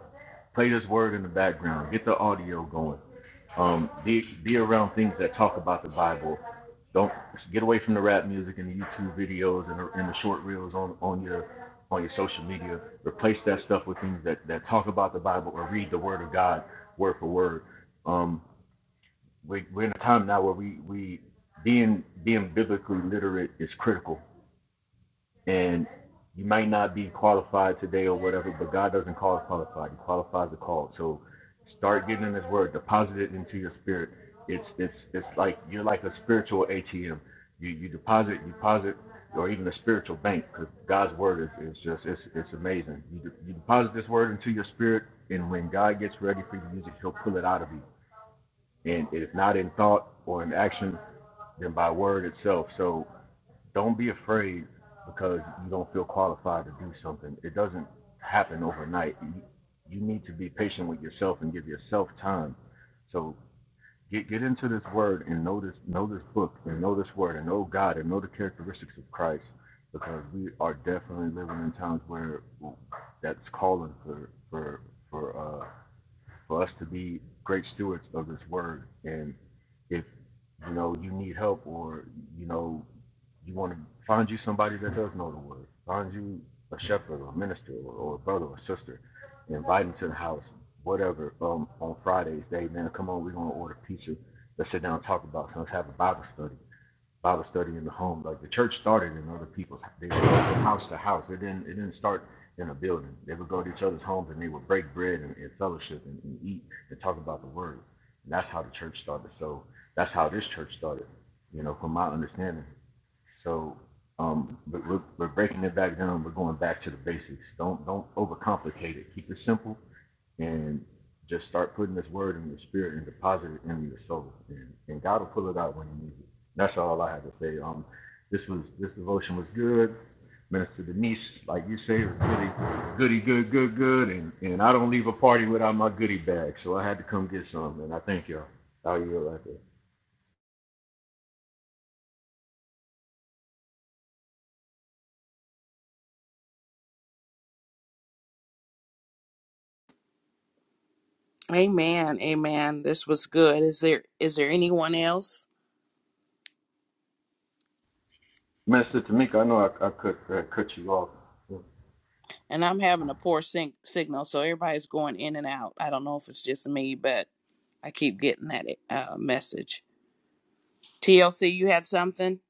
Play this word in the background, get the audio going, um, be be around things that talk about the Bible. Don't get away from the rap music and the YouTube videos and the, and the short reels on, on your on your social media. Replace that stuff with things that, that talk about the Bible or read the Word of God word for word. Um, we, we're in a time now where we we being being biblically literate is critical and you might not be qualified today or whatever, but God doesn't call us qualified. He qualifies the call. So start getting in His Word, deposit it into your spirit. It's it's it's like you're like a spiritual ATM. You you deposit, you deposit, or even a spiritual bank, because God's Word is, is just it's it's amazing. You de- you deposit this Word into your spirit, and when God gets ready for you to use it, He'll pull it out of you. And if not in thought or in action, then by word itself. So don't be afraid because you don't feel qualified to do something. It doesn't happen overnight. You, you need to be patient with yourself and give yourself time. So get get into this word and know this know this book and know this word and know God and know the characteristics of Christ because we are definitely living in times where that's calling for for for uh for us to be great stewards of this word. And if you know you need help or you know you want to find you somebody that does know the word, find you a shepherd or a minister or, or a brother or sister, invite them to the house, whatever. Um, on Fridays, they man, come on, we're gonna order pizza. Let's sit down and talk about. Something. Let's have a Bible study. Bible study in the home. Like the church started in other people's, they would go from house to house. It didn't, it didn't start in a building. They would go to each other's homes and they would break bread and, and fellowship and, and eat and talk about the word. And that's how the church started. So that's how this church started, you know, from my understanding. So um, but we're, we're breaking it back down. We're going back to the basics. Don't don't overcomplicate it. Keep it simple and just start putting this word in your spirit and deposit it in your soul. And, and God will pull it out when you need it. That's all I have to say. Um, this was this devotion was good. Minister Denise, like you say, was really goody, good, good, good. And and I don't leave a party without my goodie bag, so I had to come get some. And I thank y'all. How you right there, Amen. Amen. This was good. Is there is there anyone else? Minister Tamika? I know I, I cut uh, cut you off. What and I'm having a poor sing- signal, so everybody's going in and out. I don't know if it's just me, but I keep getting that uh, message. TLC, you had something?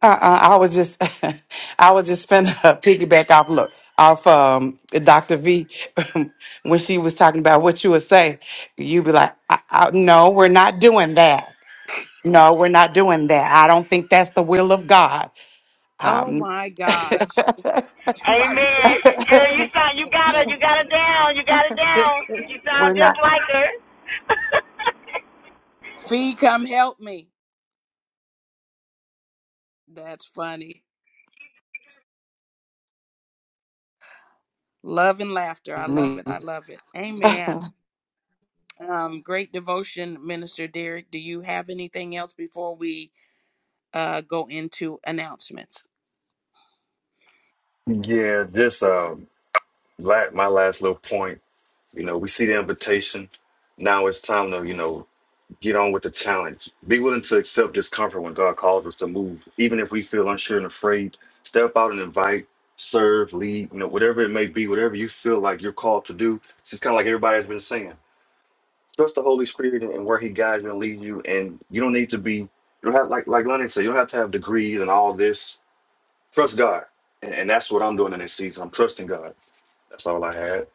Uh-uh, I was just, I was just finna piggyback off. Look, off um, Dr. V, when she was talking about what you would say, you'd be like, I, I, "No, we're not doing that. No, we're not doing that. I don't think that's the will of God. Oh Um, my gosh, do I really? Amen. sound like- Girl, you sound you That's got her, you funny. got her down, you got it down. You we're sound just not." like her. Fee, come help me. That's funny. Love and laughter. I love it. Me. I love it. Amen. Um, great devotion, Minister Derek. Do you have anything else before we uh, go into announcements? Yeah, just um, la- my last little point. You know, we see the invitation. Now it's time to you know. Get on with the challenge. Be willing to accept discomfort when God calls us to move, even if we feel unsure and afraid. Step out and invite, serve, lead, you know, whatever it may be, whatever you feel like you're called to do. It's just kind of like everybody's been saying. Trust the Holy Spirit and where He guides you and leads you. And you don't need to be, you don't have, like, like Lennon said, you don't have to have degrees and all this. Trust God. And, and that's what I'm doing in this season. I'm trusting God. That's all I had.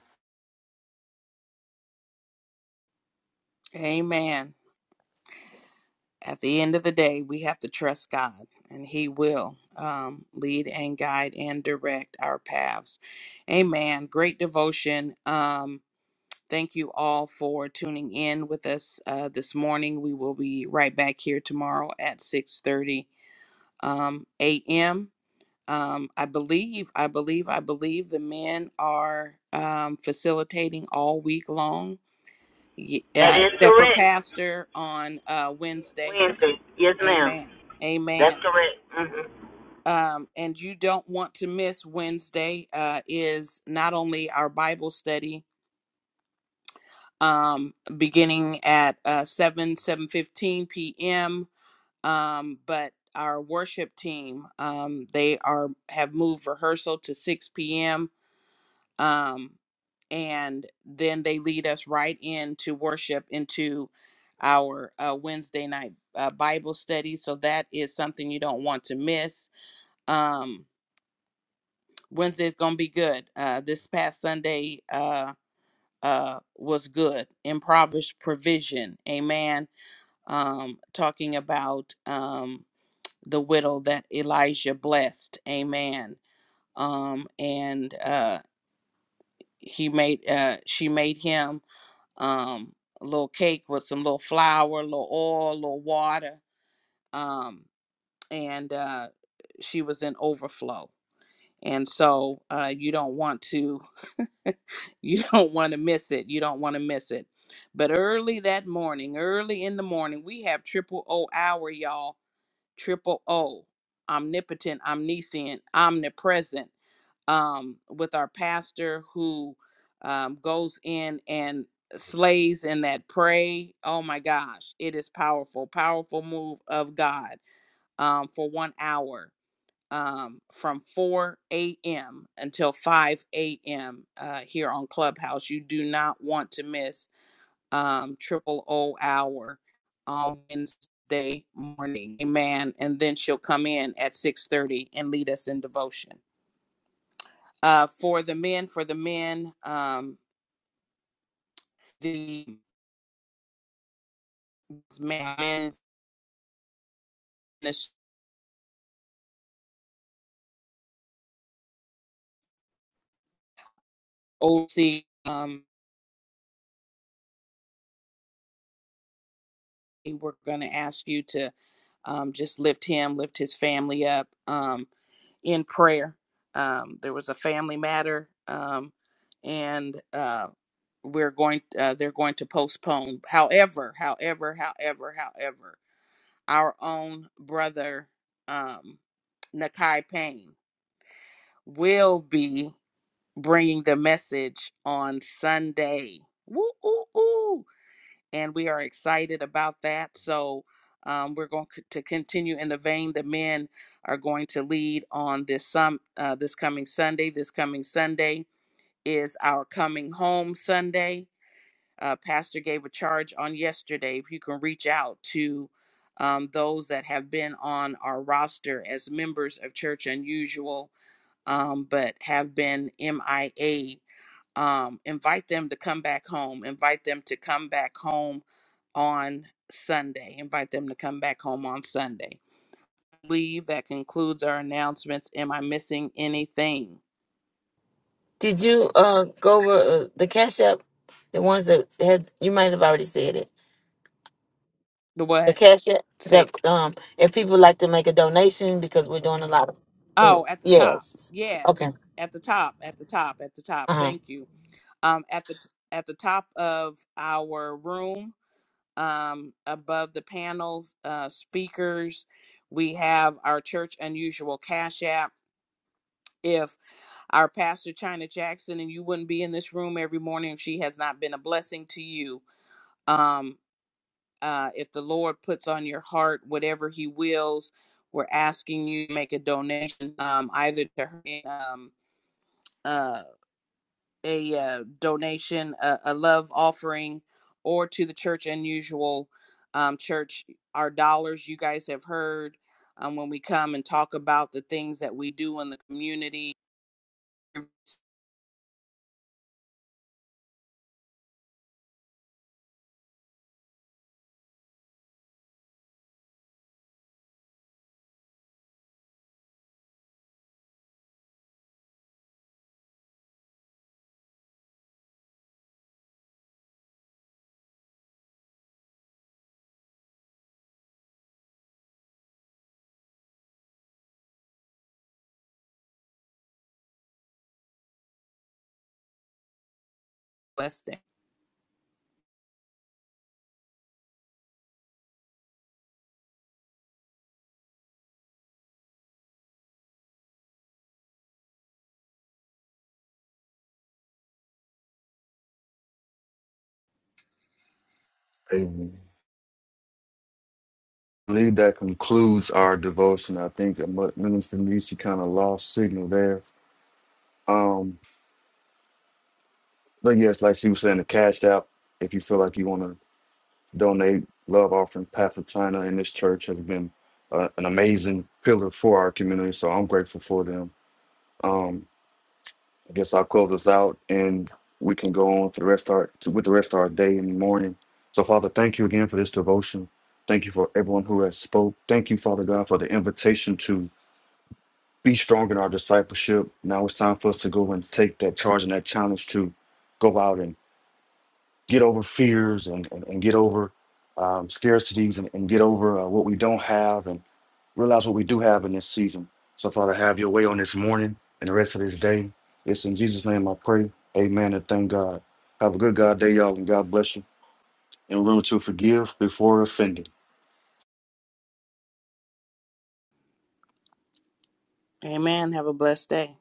Amen. at the end of the day, we have to trust God, and He will um, lead and guide and direct our paths. Amen. Great devotion. Um, thank you all for tuning in with us uh, this morning. We will be right back here tomorrow at six thirty um, a.m. Um, I believe, I believe, I believe the men are um, facilitating all week long, y- that uh, is except for correct. Pastor on uh, Wednesday Wednesday, yes, ma'am. Amen. That's Amen. correct. hmm Um, and you don't want to miss Wednesday uh, is not only our Bible study um, beginning at uh, 7, 7.15 p.m., um, but our worship team, um, they are have moved rehearsal to 6 p.m. Um, and then they lead us right into worship into our uh, Wednesday night uh, Bible study. So that is something you don't want to miss. Um, Wednesday is gonna be good. Uh, this past Sunday uh, uh, was good. Improvised provision, amen. Um, talking about um, the widow that Elijah blessed, amen. Um, and uh, he made uh, she made him um, a little cake with some little flour, a little oil, a little water, um, and uh, she was in overflow. and so uh, you don't want to you don't want to miss it you don't want to miss it but early that morning early in the morning we have triple o hour y'all triple o omnipotent omniscient omnipresent um, with our pastor who um, goes in and slays in that pray oh my gosh it is powerful powerful move of god um, for one hour um, from 4 a.m. until 5 a.m. Uh, here on Clubhouse. You do not want to miss um, Triple O Hour on Wednesday morning. Amen. And then she'll come in at 6.30 and lead us in devotion. Uh, for the men, for the men, um, the men's ministry, OC, um, we're going to ask you to um, just lift him, lift his family up um, in prayer. Um, there was a family matter, um, and uh, we're going. Uh, they're going to postpone. However, however, however, however, our own brother um, Nakai Payne will be bringing the message on Sunday. Woo, ooh, ooh and we are excited about that. So um, we're going c- to continue in the vein the men are going to lead on this some uh, this coming Sunday. This coming Sunday is our coming home Sunday. Uh, Pastor gave a charge on yesterday. If you can reach out to um, those that have been on our roster as members of Church Unusual, um, but have been MIA um, invite them to come back home invite them to come back home on sunday invite them to come back home on sunday I believe that concludes our announcements am i missing anything Did you uh go over uh, the cash app? The ones that had you might have already said it. the the what cash app, the say um if people like to make a donation because we're doing a lot of oh at the yeah, top yes okay yes at the top at the top at the top uh-huh thank you um at the at the top of our room um above the panels uh speakers we have our church unusual cash app if our pastor China Jackson and you wouldn't be in this room every morning if she has not been a blessing to you. Um, uh, if the Lord puts on your heart whatever He wills, we're asking you to make a donation, um, either to her um, uh, a uh, donation, a, a love offering, or to the Church Unusual um, Church. Our dollars, you guys have heard um, when we come and talk about the things that we do in the community. Blessed. Amen. I believe that concludes our devotion. I think Minister Nietzsche kind of lost signal there. Um, but yes, like she was saying, the cash app. If you feel like you want to donate, love offering Path of China and this church has been uh, an amazing pillar for our community. So I'm grateful for them. Um, I guess I'll close this out and we can go on for the rest of our to, with the rest of our day and morning. So Father, thank you again for this devotion. Thank you for everyone who has spoke. Thank you, Father God, for the invitation to be strong in our discipleship. Now it's time for us to go and take that charge and that challenge to go out and get over fears and, and, and get over um, scarcities and, and get over uh, what we don't have and realize what we do have in this season. So, Father, have your way on this morning and the rest of this day. It's in Jesus' name I pray. Amen and thank God. Have a good God day, y'all, and God bless you. And remember to forgive before offended. Amen. Have a blessed day.